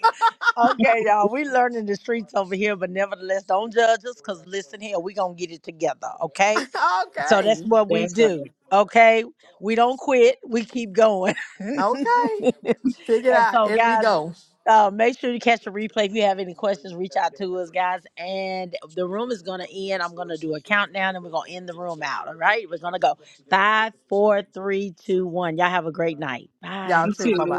Speaker 1: Okay, y'all, we learning the streets over here, but nevertheless, don't judge us because listen here, we going to get it together,
Speaker 2: [laughs]
Speaker 1: okay? So that's
Speaker 2: okay.
Speaker 1: what we
Speaker 3: That's right.
Speaker 1: do, okay? We don't quit, we keep going. [laughs]
Speaker 2: Okay. Figure it
Speaker 1: and
Speaker 2: out
Speaker 1: so,
Speaker 2: as we
Speaker 1: guys,
Speaker 2: go.
Speaker 1: uh, make sure you catch the replay. If you have any questions, reach out to us, guys. And the room is going to end. I'm going to do a countdown and we're going to end the room out, all right? We're going to go five, four, three, two, one. Y'all have a great night.
Speaker 2: Y'all
Speaker 1: Bye.
Speaker 3: Me
Speaker 2: too. Bye
Speaker 3: too.
Speaker 2: bye.